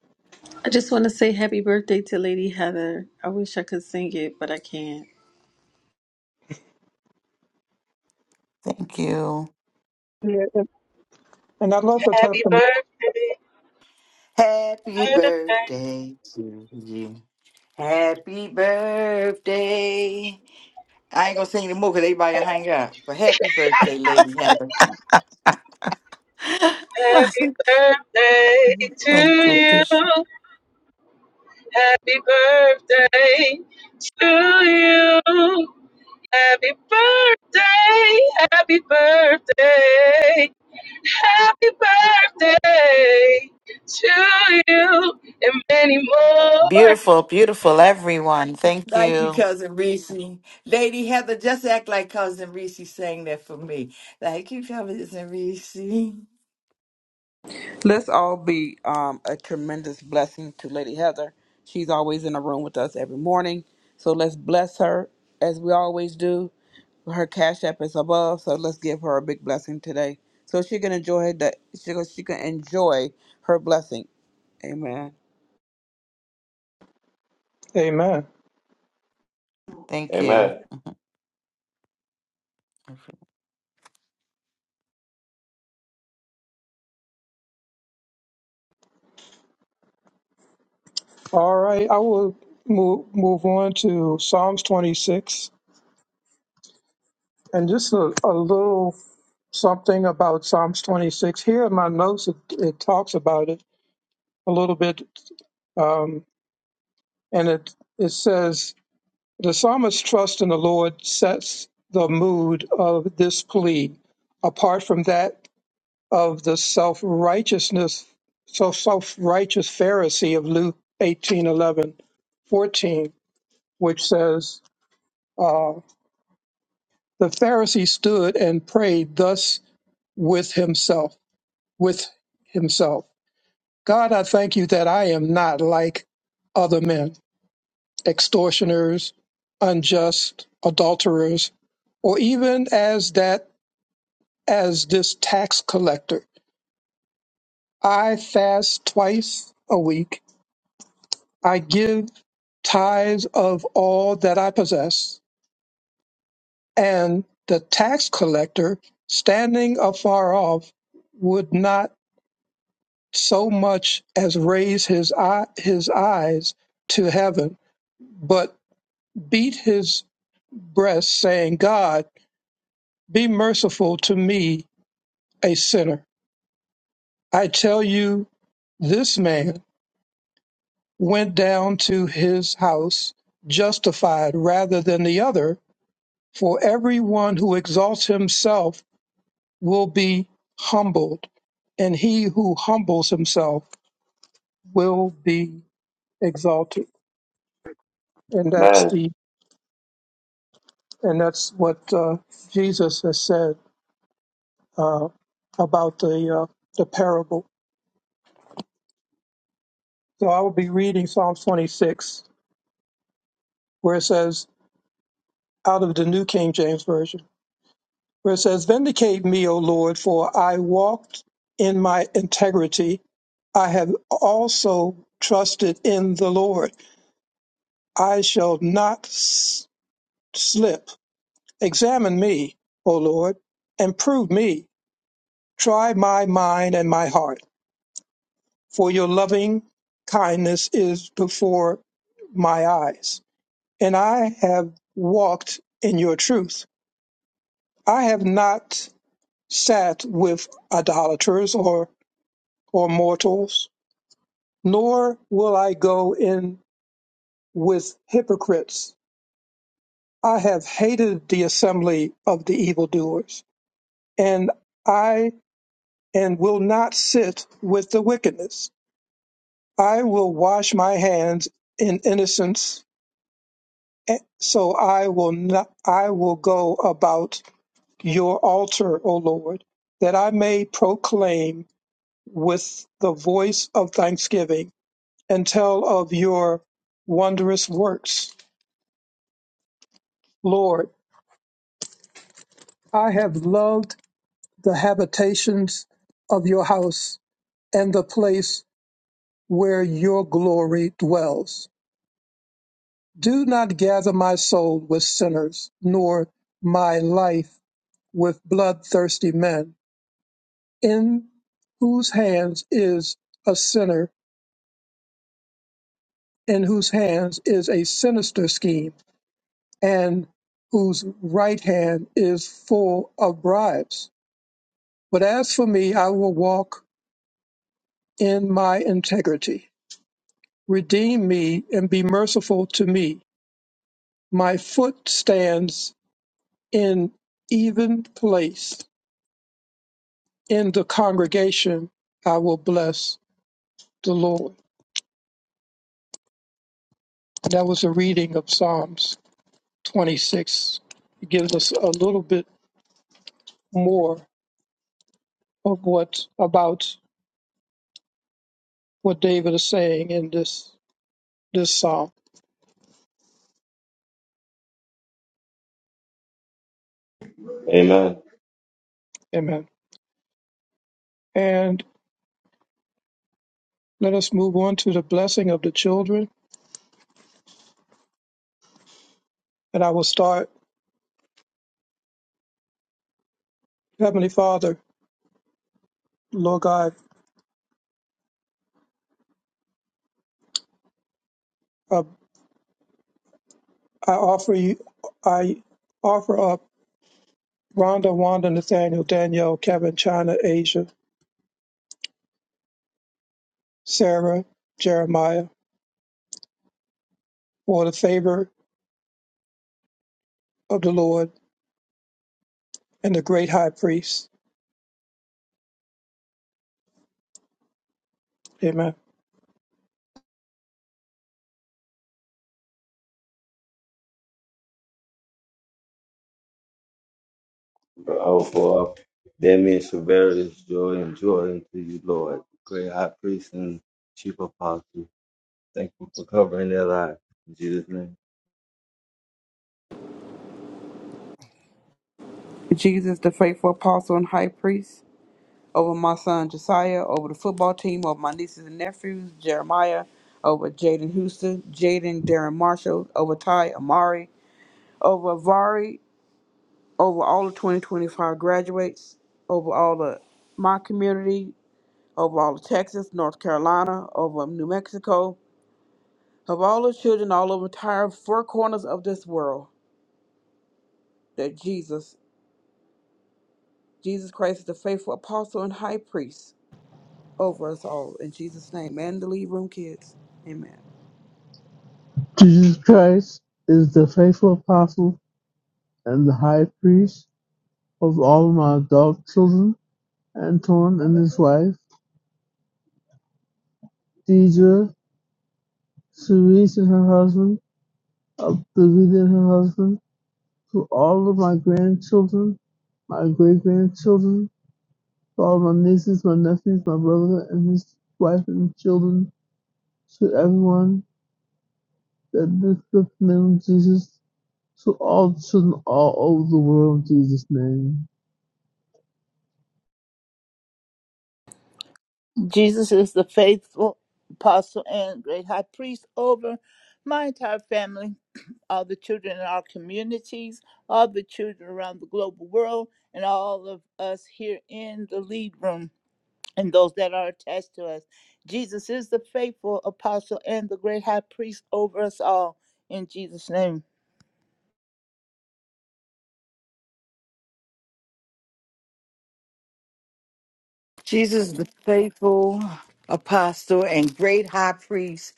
Speaker 1: I just want to say happy birthday to Lady Heather. I wish I could sing it, but I can't.
Speaker 14: Thank you.
Speaker 7: Yeah, and and I'd love for
Speaker 13: Happy
Speaker 7: testimony.
Speaker 13: birthday.
Speaker 10: Happy birthday to you. Happy birthday. I ain't gonna sing the more because everybody hang up. But happy birthday, Lady Heather.
Speaker 13: Happy birthday to
Speaker 14: Thank you.
Speaker 13: you. Happy birthday to you. Happy birthday, happy birthday, happy birthday to you and many more.
Speaker 14: Beautiful, beautiful, everyone. Thank
Speaker 10: Thank you,
Speaker 14: you.
Speaker 10: Cousin Reese. Lady Heather, just act like Cousin Reese sang that for me. Thank you, Cousin Reese.
Speaker 6: Let's all be um, a tremendous blessing to Lady Heather. She's always in the room with us every morning. So let's bless her as we always do. Her cash app is above, so let's give her a big blessing today. So she can enjoy that she can, she can enjoy her blessing. Amen.
Speaker 7: Amen.
Speaker 14: Thank you.
Speaker 2: Amen.
Speaker 7: All right, I will move move on to Psalms 26, and just a, a little something about Psalms 26. Here in my notes, it, it talks about it a little bit, um, and it it says the psalmist's trust in the Lord sets the mood of this plea, apart from that of the self righteousness, so self righteous Pharisee of Luke 18 11 14, which says. uh, The Pharisee stood and prayed thus with himself, with himself. God, I thank you that I am not like other men, extortioners, unjust, adulterers, or even as that as this tax collector. I fast twice a week. I give tithes of all that I possess. And the tax collector, standing afar off, would not so much as raise his eye, his eyes to heaven, but beat his breast, saying, "God, be merciful to me, a sinner." I tell you, this man went down to his house justified rather than the other. For everyone who exalts himself will be humbled, and he who humbles himself will be exalted. And that's
Speaker 2: Amen.
Speaker 7: the and that's what uh, Jesus has said uh, about the uh, the parable. So I will be reading Psalm 26, where it says, out of the New King James Version, where it says, "Vindicate me, O Lord, for I walked in my integrity. I have also trusted in the Lord. I shall not s- slip. Examine me, O Lord, and prove me. Try my mind and my heart." for your loving kindness is before my eyes, and I have walked in your truth. I have not sat with idolaters or, or mortals, nor will I go in with hypocrites. I have hated the assembly of the evildoers, and I and will not sit with the wickedness. I will wash my hands in innocence Eh, So I will not, I will go about your altar, O Lord, that I may proclaim with the voice of thanksgiving and tell of your wondrous works. Lord, I have loved the habitations of your house and the place where your glory dwells. Do not gather my soul with sinners, nor my life with bloodthirsty men in whose hands is a sinner, in whose hands is a sinister scheme, and whose right hand is full of bribes. But as for me, I will walk in my integrity. Redeem me and be merciful to me. My foot stands in even place. In the congregation, I will bless the Lord. That was a reading of Psalms. 26 gives us a little bit more of what about what David is saying in this this psalm.
Speaker 2: Amen.
Speaker 7: Amen. And let us move on to the blessing of the children. And I will start, Heavenly Father, Lord God, uh, I offer you, I offer up Rhonda, Wanda, Nathaniel, Danielle, Kevin, China, Asia, Sarah, Jeremiah, for the favor of the Lord and the great high priest. Amen.
Speaker 2: For all for all. That means Tiberius, joy and joy unto you, Lord. Great high priest and chief apostle. Thank you for covering their lives In Jesus' name.
Speaker 6: Jesus, the faithful apostle and high priest, over my son Josiah, over the football team, over my nieces and nephews, Jeremiah, over Jaden Houston, Jaden Darren Marshall, over Ty Amari, over Vari, over all of 2025 graduates, over all of my community, over all of Texas, North Carolina, over New Mexico, of all the children all over entire four corners of this world, that Jesus, Jesus Christ is the faithful apostle and high priest over us all. In Jesus' name, and the lead room kids. Amen.
Speaker 5: Jesus Christ is the faithful apostle and the high priest of all my adult children, Anton and his wife, Deidre, Cerise and her husband, Abdullah and her husband, to all of my grandchildren, my great grandchildren, to all my nieces, my nephews, my brother and his wife and children, to everyone That the the name of Jesus, so all children all over the world in Jesus' name.
Speaker 4: Jesus is the faithful apostle and great high priest over my entire family, all the children in our communities, all the children around the global world, and all of us here in the lead room and those that are attached to us. Jesus is the faithful apostle and the great high priest over us all. In Jesus' name.
Speaker 10: Jesus, the faithful apostle and great high priest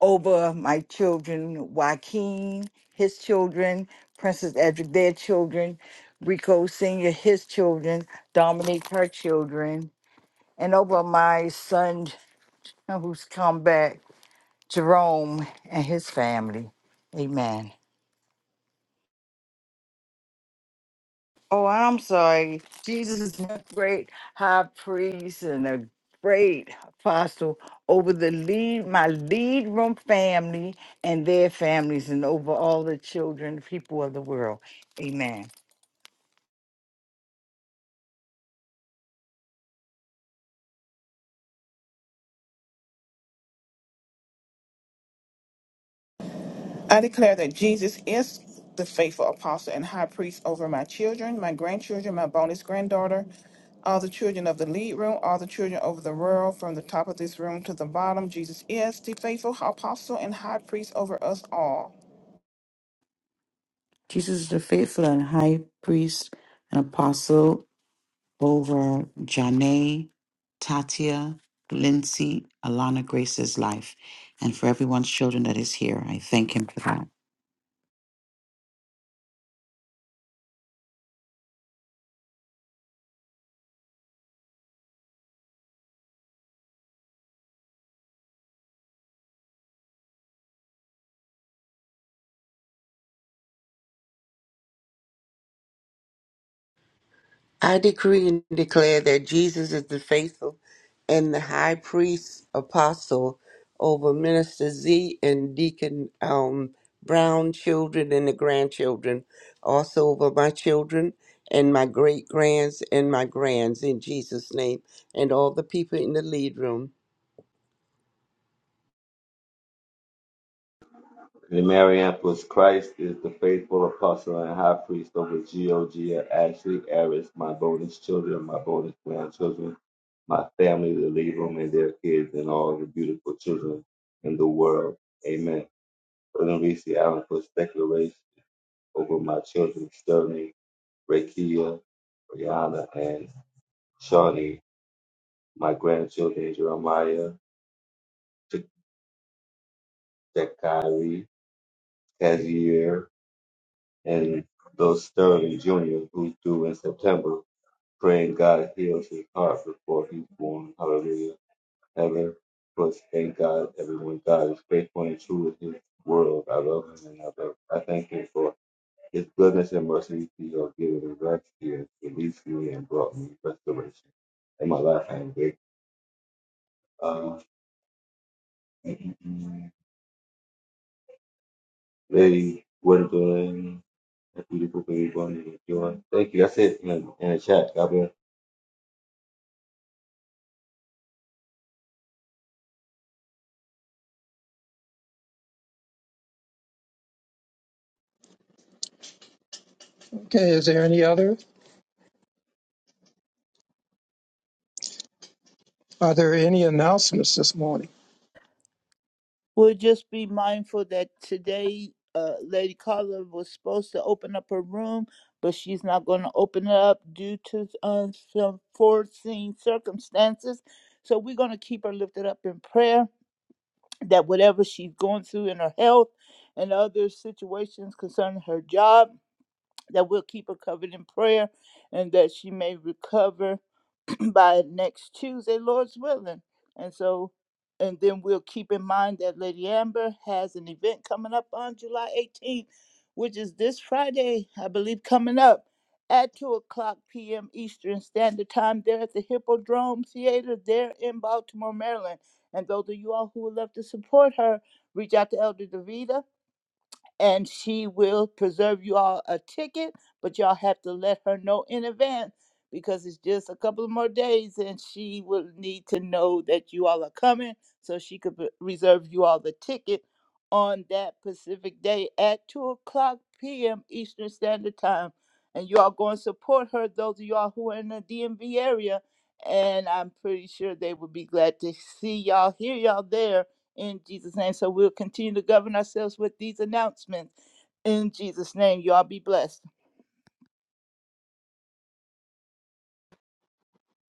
Speaker 10: over my children, Joaquin, his children, Princess Edric, their children, Rico Sr., his children, Dominique, her children, and over my son who's come back, Jerome, and his family. Amen. Oh, I'm sorry. Jesus is a great high priest and a great apostle over the lead, my lead room family and their families, and over all the children, people of the world. Amen.
Speaker 15: I declare that Jesus is the faithful apostle and high priest over my children, my grandchildren, my bonus granddaughter, all the children of the lead room, all the children over the world, from the top of this room to the bottom. Jesus is the faithful apostle and high priest over us all.
Speaker 14: Jesus is the faithful and high priest and apostle over Janae, Tatia, Lindsay, Alana Grace's life, and for everyone's children that is here. I thank him for that.
Speaker 8: I decree and declare that Jesus is the faithful and the high priest apostle over Minister Z and Deacon um, Brown children and the grandchildren, also over my children and my great grands and my grands in Jesus' name, and all the people in the lead room.
Speaker 2: In The Marianthus Christ is the faithful apostle and high priest over Geo, Gia, Ashley, Aris, my bonus children, my bonus grandchildren, my family, the Levum and their kids, and all the beautiful children in the world. Amen. Brother Reese Allen puts declaration over my children, Sterling, Rakia, Brianna, and Shawnee, my grandchildren, Jeremiah, Jacari, Kazier, and those Sterling Jr. who threw in September, praying God heals his heart before he's born. Hallelujah. Heaven, first thank God, everyone. God is faithful and true in his world. I love him and I love I thank him for his goodness and mercy he has given me rest. He has released me and brought me restoration. In my life, I am great. Uh, Lady Gwendolyn, a beautiful baby born with joy. Thank you. That's it in, in the chat. God bless.
Speaker 7: Okay, is there any other? Are there any announcements this morning?
Speaker 4: We'll just be mindful that today uh, Lady Carla was supposed to open up her room, but she's not going to open it up due to uh, some foreseen circumstances. So we're going to keep her lifted up in prayer that whatever she's going through in her health and other situations concerning her job, that we'll keep her covered in prayer and that she may recover by next Tuesday, Lord's willing. And so, and then we'll keep in mind that Lady Amber has an event coming up on July 18th, which is this Friday, I believe, coming up at 2 o'clock p.m. Eastern Standard Time there at the Hippodrome Theater there in Baltimore, Maryland. And those of you all who would love to support her, reach out to Elder Davida and she will preserve you all a ticket, but y'all have to let her know in advance because it's just a couple of more days and she will need to know that you all are coming so she could pre- reserve you all the ticket on that Pacific day at 2 o'clock p.m. Eastern Standard Time. And you all go and support her, those of y'all who are in the DMV area. And I'm pretty sure they will be glad to see y'all, hear y'all there in Jesus' name. So we'll continue to govern ourselves with these announcements in Jesus' name. Y'all be blessed.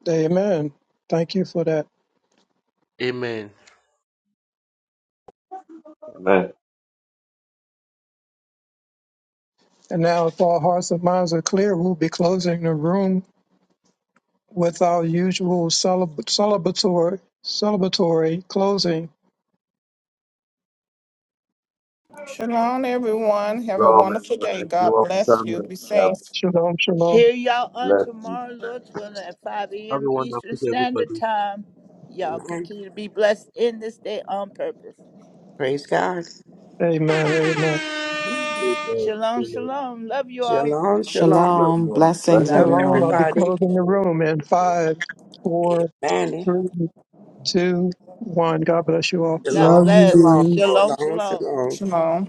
Speaker 7: Amen. Thank you for that.
Speaker 16: Amen.
Speaker 2: Amen.
Speaker 7: And now, if our hearts and minds are clear, we'll be closing the room with our usual celeb- celebratory, celebratory closing.
Speaker 15: Shalom, everyone. Have a
Speaker 2: Lord,
Speaker 15: wonderful
Speaker 2: and
Speaker 15: day.
Speaker 2: thank you
Speaker 15: God
Speaker 2: all for
Speaker 15: bless you. Be
Speaker 2: coming. God
Speaker 15: safe.
Speaker 7: Shalom, shalom.
Speaker 4: Hear y'all on
Speaker 2: bless you.
Speaker 4: tomorrow, Lord willing, at 5
Speaker 16: Have
Speaker 4: a.m.
Speaker 16: a
Speaker 4: Eastern
Speaker 16: wonderful day,
Speaker 4: Standard
Speaker 16: everybody.
Speaker 4: Time. Y'all
Speaker 8: Amen.
Speaker 4: continue to be blessed in this day on purpose.
Speaker 8: Praise God.
Speaker 7: Amen, amen.
Speaker 16: Bye.
Speaker 4: Shalom, shalom. Love you all.
Speaker 8: Shalom, shalom.
Speaker 2: Love
Speaker 14: Shalom.
Speaker 2: you all. Bless
Speaker 14: Blessings,
Speaker 8: Love
Speaker 7: Shalom. I'll
Speaker 14: everyone.
Speaker 7: be
Speaker 8: everybody.
Speaker 7: closing the room in five, four,
Speaker 8: Amen.
Speaker 7: three, two, one. God bless you all.
Speaker 4: God
Speaker 5: Love
Speaker 8: Shalom,
Speaker 4: bless.
Speaker 8: shalom,
Speaker 5: you.
Speaker 2: you.
Speaker 4: Shalom,
Speaker 8: shalom,
Speaker 4: shalom.
Speaker 8: shalom.
Speaker 15: Shalom.